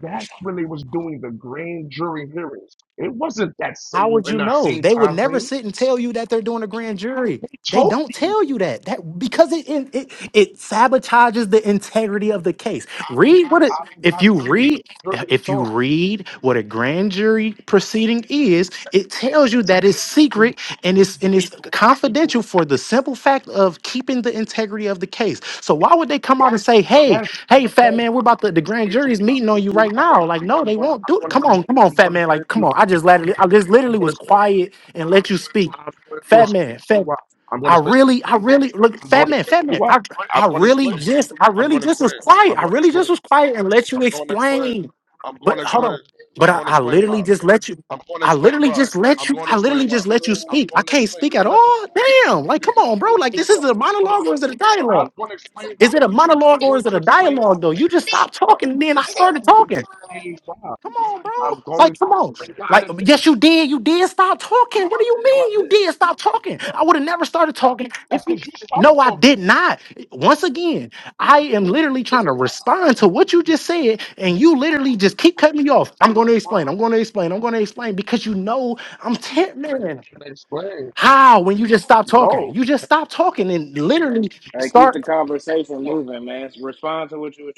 that's when they was doing the grand jury hearings. It wasn't that
How
same
would
in
you
that
know?
same
They would
time
never
frame.
sit and tell you that they're doing a grand jury.
They
They
told
don't
me
tell you that. That because it it it, it sabotages the integrity of the case. Read what
I
it
don't
if
gotta
you
see the
read
grand jury to
if you
talk.
read what a grand jury proceeding is, it tells you that it's
And it's a-
secret and it's
group
and
of
it's confidential
people.
for the simple fact of keeping the integrity of the case. So why would they come out and say, "Hey,
Yes,
hey, fat
because
man, we're about to the grand
I'm
jury's
gonna
meeting on
search
you
you
right
up.
now. Like, no,
I'm
they
gonna,
won't
I'm
do it.
gonna,
Come
I'm gonna,
on, come on,
I'm
fat
gonna
man. Like,
search
come
you
on. I just
up.
literally, I just
I'm
literally
gonna
was
search.
quiet
I'm
and
gonna,
let you speak.
I'm going to
Fat man,
search
fat.
you up. I'm gonna
I
search.
really, I really look,
I'm
fat
gonna
man,
search
fat man.
you up.
I,
I'm
I
gonna
really
explain.
just, I
I'm
really
gonna
just
explain.
was quiet.
I'm
I
gonna
really
explain.
just was quiet and let you
I'm gonna explain.
explain.
I'm
But
gonna
hold
explain.
on. But
I'm
I,
gonna
I
explain
literally
why.
just let you.
I'm gonna
I
explain
literally
why.
just let
I'm
you.
gonna
I
explain
literally
why.
just let you
I'm
speak. I
gonna
can't
explain.
speak
You
at
didn't let me.
all. Damn. Like,
You,
come
you,
on, bro. Like,
yeah,
this is
bro,
a
bro, bro, bro,
monologue or is it a
So
dialogue?
I'm gonna explain why.
Is it a monologue
I'm
or
going
is it
to
a
explain.
dialogue though? You just stopped talking and then I
I'm
started
going
talking.
to explain why.
Come on, bro.
I'm going
Like, come
for
on.
it. Yeah, I
Like,
didn't
yes, you
finish.
did. You did stop talking. What do you
No, I
mean you
didn't.
did stop talking?
No,
I
I-
would have never started talking if
that's
you.
because you started
No, I did
talking.
not. Once again, I
Yes, you
am
did.
literally trying to respond to what you just said, and you literally just keep
I
cutting
didn't
me off. I'm
in
going to
the farm.
explain. I'm going to explain. I'm going to explain because you know I'm tent man.
And I explained.
How when you just stop
No.
talking? You just stop talking and literally
All
Yeah,
right, keep
start.
the conversation,
no.
man. It's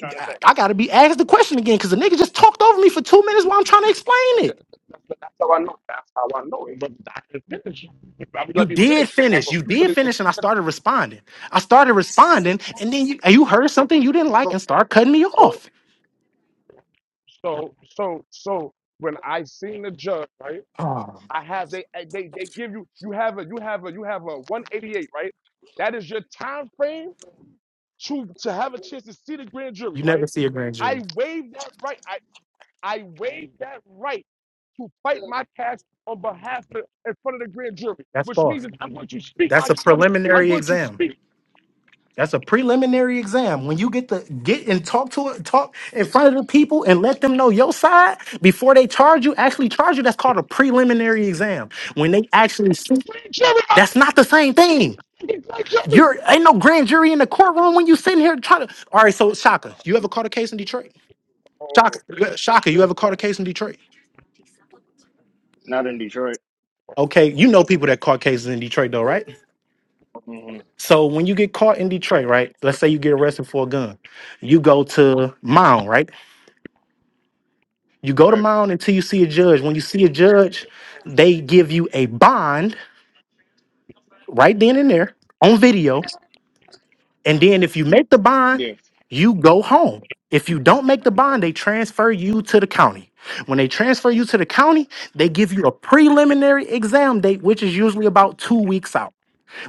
running
I,
back.
I gotta be asked the question again because the nigga just talked over me for two minutes while I'm trying to explain
That-
it.
That's how I know. That's how I know. It was I didn't finish. If I would
You
let you
did
finish, you would have
finish.
a
You
you could
did finish,
have
and I
you could
started responding. I started responding, and then you you heard
have
something you didn't like and
so
start cutting me
so
off.
so so so when I seen the judge, right?
Oh,
I have they they they give you you have a you have a you have a 188, right? That is your time frame to to have a chance to see the grand jury,
you never
right?
see a grand jury.
I waive that right. I I waive that right to fight my case on behalf of in front of the grand jury,
That's
which means
false.
that I'm going to speak my
That's a
I'm going to,
preliminary exam.
speak to
That's a preliminary exam. When you get to get and talk to it, talk in front of the people and let them know your side before they charge you, actually charge you, that's called a preliminary exam. When they actually see,
the grand jury, my
that's not the same thing.
fucking grand jury.
You're ain't no grand jury in the courtroom when you sitting here trying to.
Oh
All right, so
my
Shaka,
god,
you ever
this
caught a case in Detroit? Shaka,
whole
yeah, Shaka, you
shit,
ever caught
man.
a case in Detroit?
Not in Detroit.
Okay, you know people that caught cases in Detroit though, right?
hmm
So when you get caught in Detroit, right? Let's say you get arrested for a gun, you go to Mound, right? You go to Mound until you see a judge. When you see a judge, they give you a bond right then and there on video And then if you make the bond,
Yeah,
you go home. If you don't make the bond, they transfer you to the county. When they transfer you to the county, they give you a preliminary exam date, which is usually about two weeks out.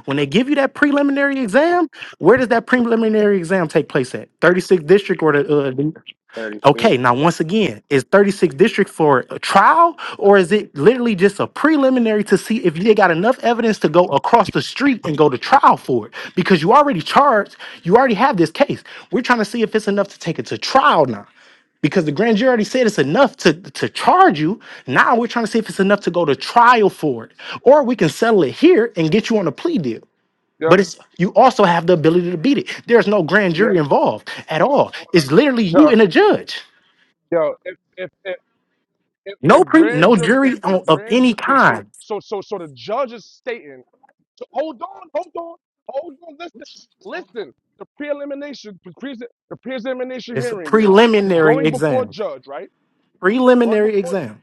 When they give you that preliminary exam, where does that preliminary exam take place at? 36th district or the uh,
thirty six.
Okay, now once again, is 36 district for a trial or is it literally just a preliminary to see if they got enough evidence to go across the street and go to trial for it? Because you already charged, you already have this case. We're trying to see if it's enough to take it to trial now. Because the grand jury already said it's enough to, to charge you. Now we're trying to see if it's enough to go to trial for it. Or we can settle it here and get you on a plea deal.
Yep,
But it's you also have the ability to beat it. There's no grand
yep,
jury involved at
yep.
all.
I wanna-
It's literally you
Yo,
and a judge.
yo, if if if if the
No pre,
grand
no
jury, if
jury
the
on, of
grand
any
ju- the so
kind.
so so so the judge is stating So hold on, hold on, hold on. Listen, listen. The pre-elimination, the pre the pre-examination
It's a
hearing is you're
preliminary
going before a
exam.
judge, right? Going
Preliminary
before
exam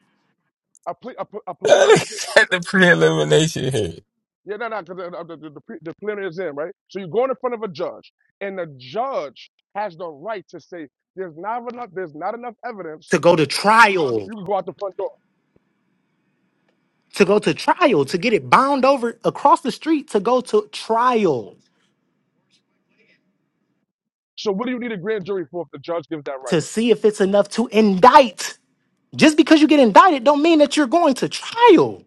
a ple a a
[LAUGHS]
preliminary
Look
exam.
at the pre-elimination here.
Yeah, no, no, 'cause the, the, the, the, pre- the preliminary exam, right? So you're going in front of a judge, and the judge has the right to say there's not enough, there's not enough
to
evidence.
go to trial,
You can go out the front door.
to go to trial, to get it bound over across the street, to go to trial,
So what do you need a grand jury for if the judge gives that right?
to see if it's enough to indict. Just because you get indicted, don't mean that you're going to trial.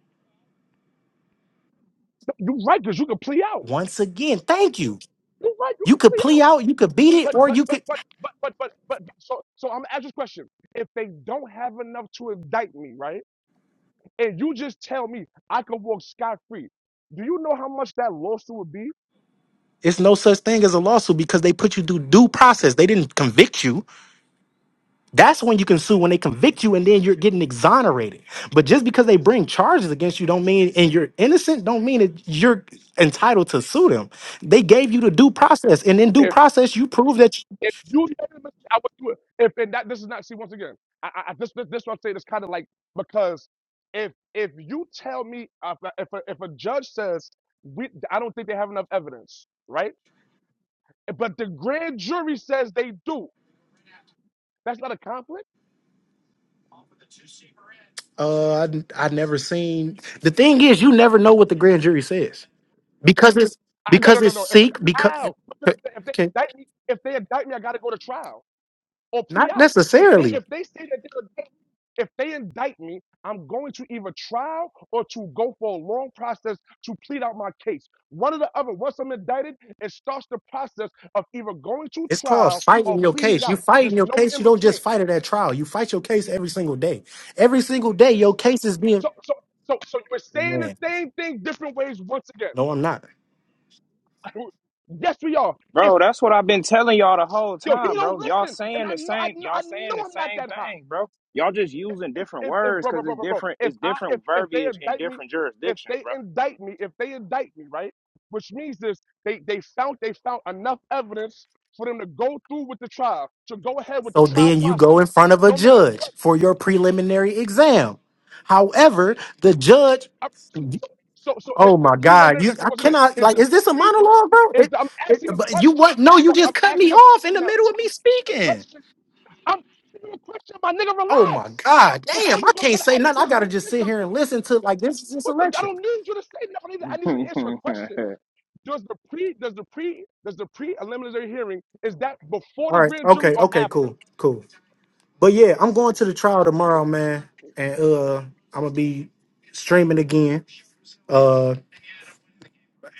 No, You're right, because you can plea out.
Once again, thank you.
You're right, you
You
can
could
plea
plea
out.
out, you could beat it,
But
or
but
you
but
could.
but but but but but so so I'm gonna ask this question. If they don't have enough to indict me, right? And you just tell me I can walk scot free, do you know how much that lawsuit would be?
It's no such thing as a lawsuit because they put you through due process. They didn't convict you. That's when you can sue when they convict you and then you're getting exonerated. But just because they bring charges against you don't mean and you're innocent don't mean that you're entitled to sue them. They gave you the due process and in due
If
process you prove that you,
if you said it, I would do it. If and that this is not see once again, I, I I- this this this what I'm saying is kind of like because if if you tell me uh, if a, if a if a judge says we I don't think they have enough evidence, right? But the grand jury says they do. That's not a conflict.
uh I, n- I never seen The thing is you never know what the grand jury says. Because it's
I, no, no,
because
no,
it's
no. If,
seek because
how? Because If they,
okay,
indict me, if they indict me, I got to go to trial or plea
not
out. If they
necessarily.
if they say that they're if they indict me, I'm going to either trial or to go for a long process to plead out my case. One or the other. Once I'm indicted, it starts the process of either going to
It's called
trial or
fighting your
pleading
case. You
out.
fight in
There's
your
no
case,
in
you don't
between.
just fight it at trial. You fight your case every single day. Every single day your case is being
So so so so you are saying the same thing different ways once again.
No, I'm not.
[LAUGHS] yes, we are. If
Bro, that's what I've been telling y'all the whole
yo, he
time,
don't
bro. Y'all
listen, and
saying
I
the
know I
same.
know
Y'all
I
saying
know
the
I'm not
same
that high.
thing, bro. Y'all just
if,
using
if,
different
if, if
words
bro, bro,
because
bro,
it's
bro, bro,
different.
if
It's
I, if,
different
if they
verbiage in
indict me,
different
if
jurisdictions,
they indict me, if they indict me, right, which means this, they, they found, they found enough evidence for them to go through with the trial, to go ahead with the
So
trial
then you go in
process,
front of a
no matter
judge
what.
for your preliminary exam. However, the judge,
I- so, so, so so is
oh
the
my God,
preliminary,
you
so
I
once again,
cannot
is
like,
the
is this a
pre,
monologue, bro?
is
It,
the, I'm
it,
asking a
but you
question.
what? No, you
Fuck, I'm
just cut me
asking a
off in
question
the
now.
middle of
I'm
me
asking a
speaking.
question. I'm asking you a question, my nigga,
Oh my
relax.
God, damn,
Before
I
you go try
can't
to
say
ask a
nothing. I
question,
gotta just
understand
sit here
something.
and listen to like this is this
What the, I
election.
don't need you to say nothing. I need,
bro.
you to answer a
[LAUGHS]
question. Does the pre does the pre does the pre preliminary hearing is that before
All
the
right,
grand jury
okay,
or
okay,
after?
cool, cool. But yeah, I'm going to the trial tomorrow, man. And uh I'm gonna be streaming again. Uh.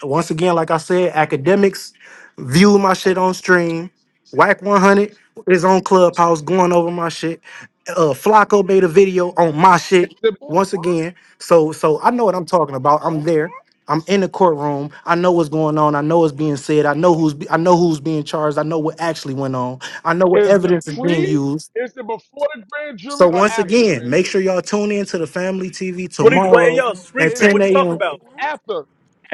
once again, like I said, academics view my shit on stream. Whack 100 is on Clubhouse going over my shit. Uh, Flacco made a video on my
Is
shit
the
once again. So, so I know what I'm talking about. I'm there. I'm in the courtroom. I know what's going on. I know what's being said. I know who's be- I know who's being charged. I know what actually went on. I know what
is the
evidence is being
pre
used.
is it before the grand jury
So
or
once
after the
again,
grand
make sure
jury?
y'all tune in to the Family TV
What are you? Wait, hey,
tomorrow
yo, street
at
Is it
spin.
10
What you talking
before
a.m.
or
about?
after?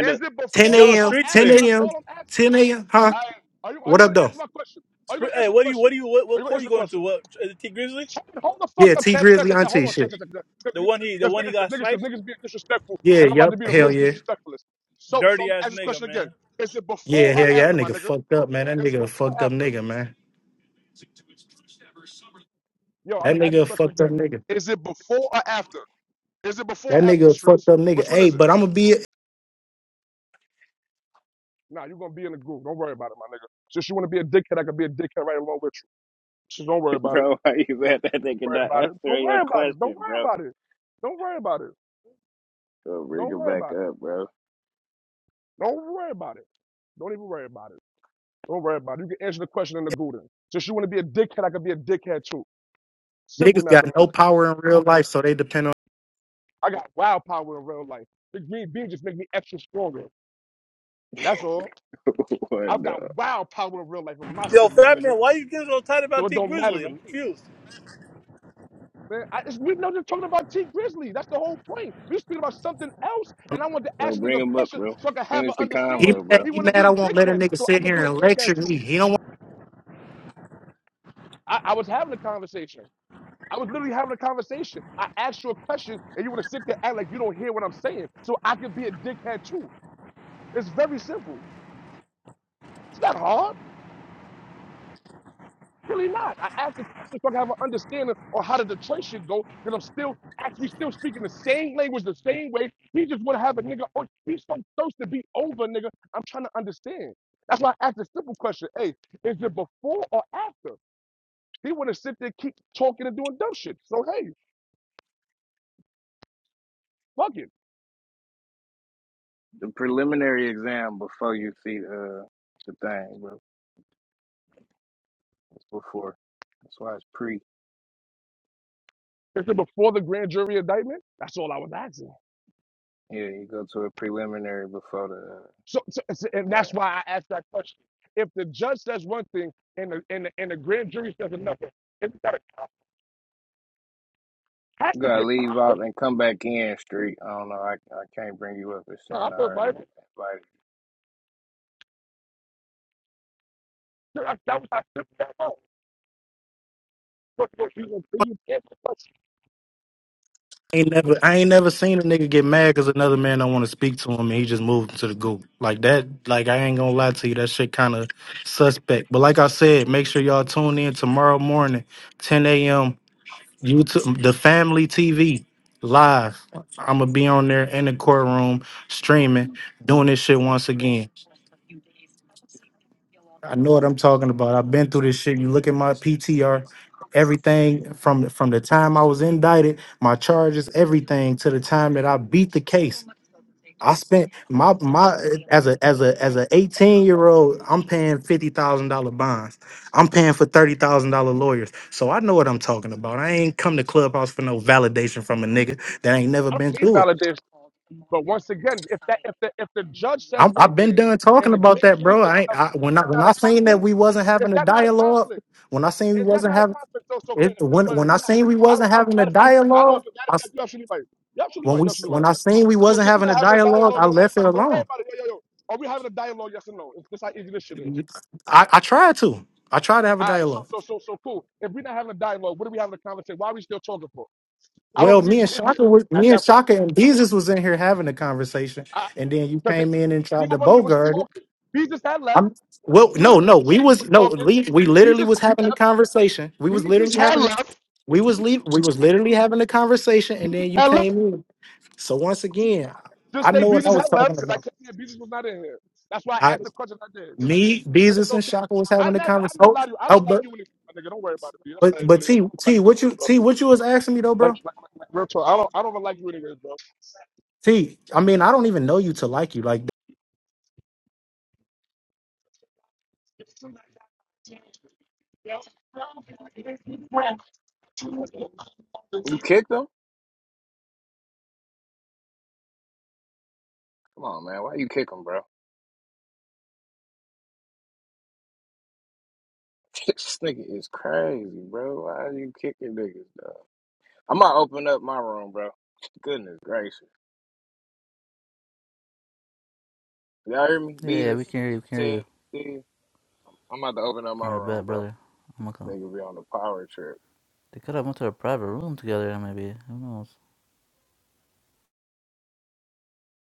Is it
10
before
Yo,
or
a.m.
street
10
after?
spin.
That's
a.m.
all I'm asking.
10 a.m. Huh?
I, are you are
What
you
up,
going to
though?
answer my question? Are you going
Spr-
to
Hey,
answer the
what do you? What
question?
do you? What,
Are
what
you going to
core
answer
you
the
going
question?
to? What is it? T Grizzly?
Hold the fuck
Yeah,
up,
T
tap, tap,
Grizzly
tap, tap. Hold
Auntie
on, tap,
shit.
tap, tap.
The one he? The
Because
one he
niggas, because niggas,
got
because
sniped?
niggas being disrespectful,
Yeah,
and I'm about to
yep.
be the
Hell
most
yeah.
disrespectfulest. So, so I'm
Dirty
gonna
ass
ask this
nigga,
question again.
man.
Is it before
Yeah,
or
hell yeah. That
after, my
nigga
nigga?
fucked up, man. That
Is it
nigga a
before
fucked
or
up
after?
nigga, man.
Yo, I'm
That
gonna ask
nigga
this
a
question
fucked up
again.
nigga.
Is it before or after? Is it before or
That
after,
nigga a fucked
streets?
up nigga.
Which one
Hey,
is it?
but I'm gonna be
Nah, you're gonna be in the group. Don't worry about it, my nigga. Since you wanna be a dickhead, I can be a dickhead right along with you. So don't worry about it.
bro, why you mad that they
Don't worry
cannot
about it.
answer
Don't
your
worry about it. Don't
question,
worry
bro?
about it. Don't worry about it.
Go bring
Don't
it
worry
back
about it.
up, bro.
Don't worry about it. Don't even worry about it. Don't worry about it. You can answer the question in the Gooden. Since you want to be a dickhead, I can be a dickhead too. Simple
niggas got no
mathematics.
power in real life, so they depend on
I got wild power in real life. The green bean just make me extra stronger. That's all.
[LAUGHS]
I've
what?
got wild power in real life in my
Yo,
city, my
fat
nigga.
man, why you getting so tight
So
about
it
T
don't matter
Grizzly?
to
I'm
me.
confused.
Man, I, it's, we're not just talking about T Grizzly. That's the whole point. We're speaking about something else, and I want to
Yo,
ask a
bring
nigga a
them up,
question
bro.
so I can have an
Finish the
he
understanding.
convo,
mad
He
bro.
he
want to be
mad I
a
won't let a
dickhead,
nigga
so I
sit
could
here
be a
and lecture
dickhead too.
me. He don't want
I, I was having a conversation. I was literally having a conversation. I asked you a question, and you want to sit there and act like you don't hear what I'm saying. So I could be a dickhead too. It's very simple. It's not hard. Really not. I asked the question so I can have an understanding on how the Detroit should go, because I'm still actually still speaking the same language the same way. He just want to have a nigga. Oh, he's so supposed to be over, nigga. I'm trying to understand. That's why I asked a simple question. Hey, is it before or after? He want to sit there, keep talking and doing dumb shit. So hey, fuck it.
The preliminary exam before you see uh, the thing, bro. It's before. That's why it's pre.
Is it before the grand jury indictment? That's all I was asking.
Yeah, you go to a preliminary before the
So, so so- and
uh, thing.
that's why I asked that question. If the judge says one thing and the and the, and the grand jury says another, it's got a has
You
to
gotta
be a
leave out
conflict.
and come back in, street. I don't know. I, I can't bring you up. It's
No,
saying
I
I
feel
already
like
got invited.
that that was not simple at all. But what you gonna do, you can't question.
ain't never I ain't never seen a nigga get mad cause another man don't want to speak to him and he just moved him to the goo. Like that, like I ain't gonna lie to you, that shit kinda suspect. But like I said, make sure y'all tune in tomorrow morning, 10 a.m. YouTube, the family TV live. I'm gonna be on there in the courtroom streaming, doing this shit once again. I know what I'm talking about. I've been through this shit. You look at my PTR, everything from from the time I was indicted, my charges, everything to the time that I beat the case. I spent my my as a as a as a 18 year old, I'm paying fifty thousand dollar bonds. I'm paying for thirty thousand dollar lawyers. So I know what I'm talking about. I ain't come to Clubhouse for no validation from a nigga that ain't never
I don't
been
need
through it.
validation. But once again, if that if the if the judge says
I'm, I've
one
been
thing
done talking
and the
about
grand
that,
jury
bro.
says
I, ain't-
another,
I when I
that's
when
not a
I seen that
conflict.
we wasn't
Is
having a
that not a
dialogue,
conflict?
when I seen we
Is that
wasn't
not a
having
conflict? So, so
it,
if,
when
but
when
if
I
we're not
seen
having
we
a, I don't,
wasn't
I'm
having a
matter of fact, I don't, know if
dialogue,
it's matter of
I s
fact, you're absolutely right. You're absolutely
when
right.
we
You're
s-
absolutely
when
right.
I seen we
So
wasn't
since we're
having a
not having a
dialogue,
dialogue,
I
don't worry
left it
about it. Don't worry
alone.
about it. Yo, yo, yo. Are we having a dialogue? Yes or no? It's just how easy this shit is.
I, I tried to. I tried to have a
All right. So,
dialogue.
so, so, so cool. If we're not having a dialogue, what are we having a conversation? Why are we still talking for? I don't
Well,
even
me
need
and
you in here
Shaka, was,
at
me and
that point.
Shaka and Jesus was in here having a conversation,
I,
and then you
cause they,
came in and tried to
even when they was
bogart it.
talking, Jesus had left.
I'm well,
You
no,
and
no, we
Bishop was
was no,
talking.
we, we literally
Jesus
was
had
having a
left.
conversation. We was
Jesus
literally
had
having, a,
left.
we was
Jesus
le- we
had
was
left.
literally having a conversation, and
Jesus
then you
had left.
came in. So once again,
Just
I
say
know what I
Beatrice had
was
left
talking
because I
about.
came here. Beatrice was not in here. That's why I
I,
asked the question I did.
me,
But it's
Jesus, and
okay.
Shaka was
I,
having
am
a
not,
conversation.
I'm gonna
Oh,
lie to you. I
oh,
don't like
but
you anyway, my nigga. Don't worry about it, dude. That's
but
how you
but
believe it.
T
I don't like
T,
you
what
anyway,
you
bro.
T, what you was asking me though, bro?
Like, like, like, like real talk. I don't, I don't even like you anyway, bro.
See, I mean, I don't even know you to like you. Like
You kicked him? Come on, man. Why you kick him, bro? [LAUGHS] this nigga is crazy, bro. Why you kicking niggas, dog? I'm gonna open up my room, bro. Goodness gracious. Y'all hear me?
Yeah, yeah, we
Beavis,
can hear you. We can hear
Ted,
you.
Steve. I'm about to open up my
All right,
room,
bad
bro.
brother. I'm gonna
This
come.
nigga be on the power trip.
They could have went to a private room together, maybe. Who knows?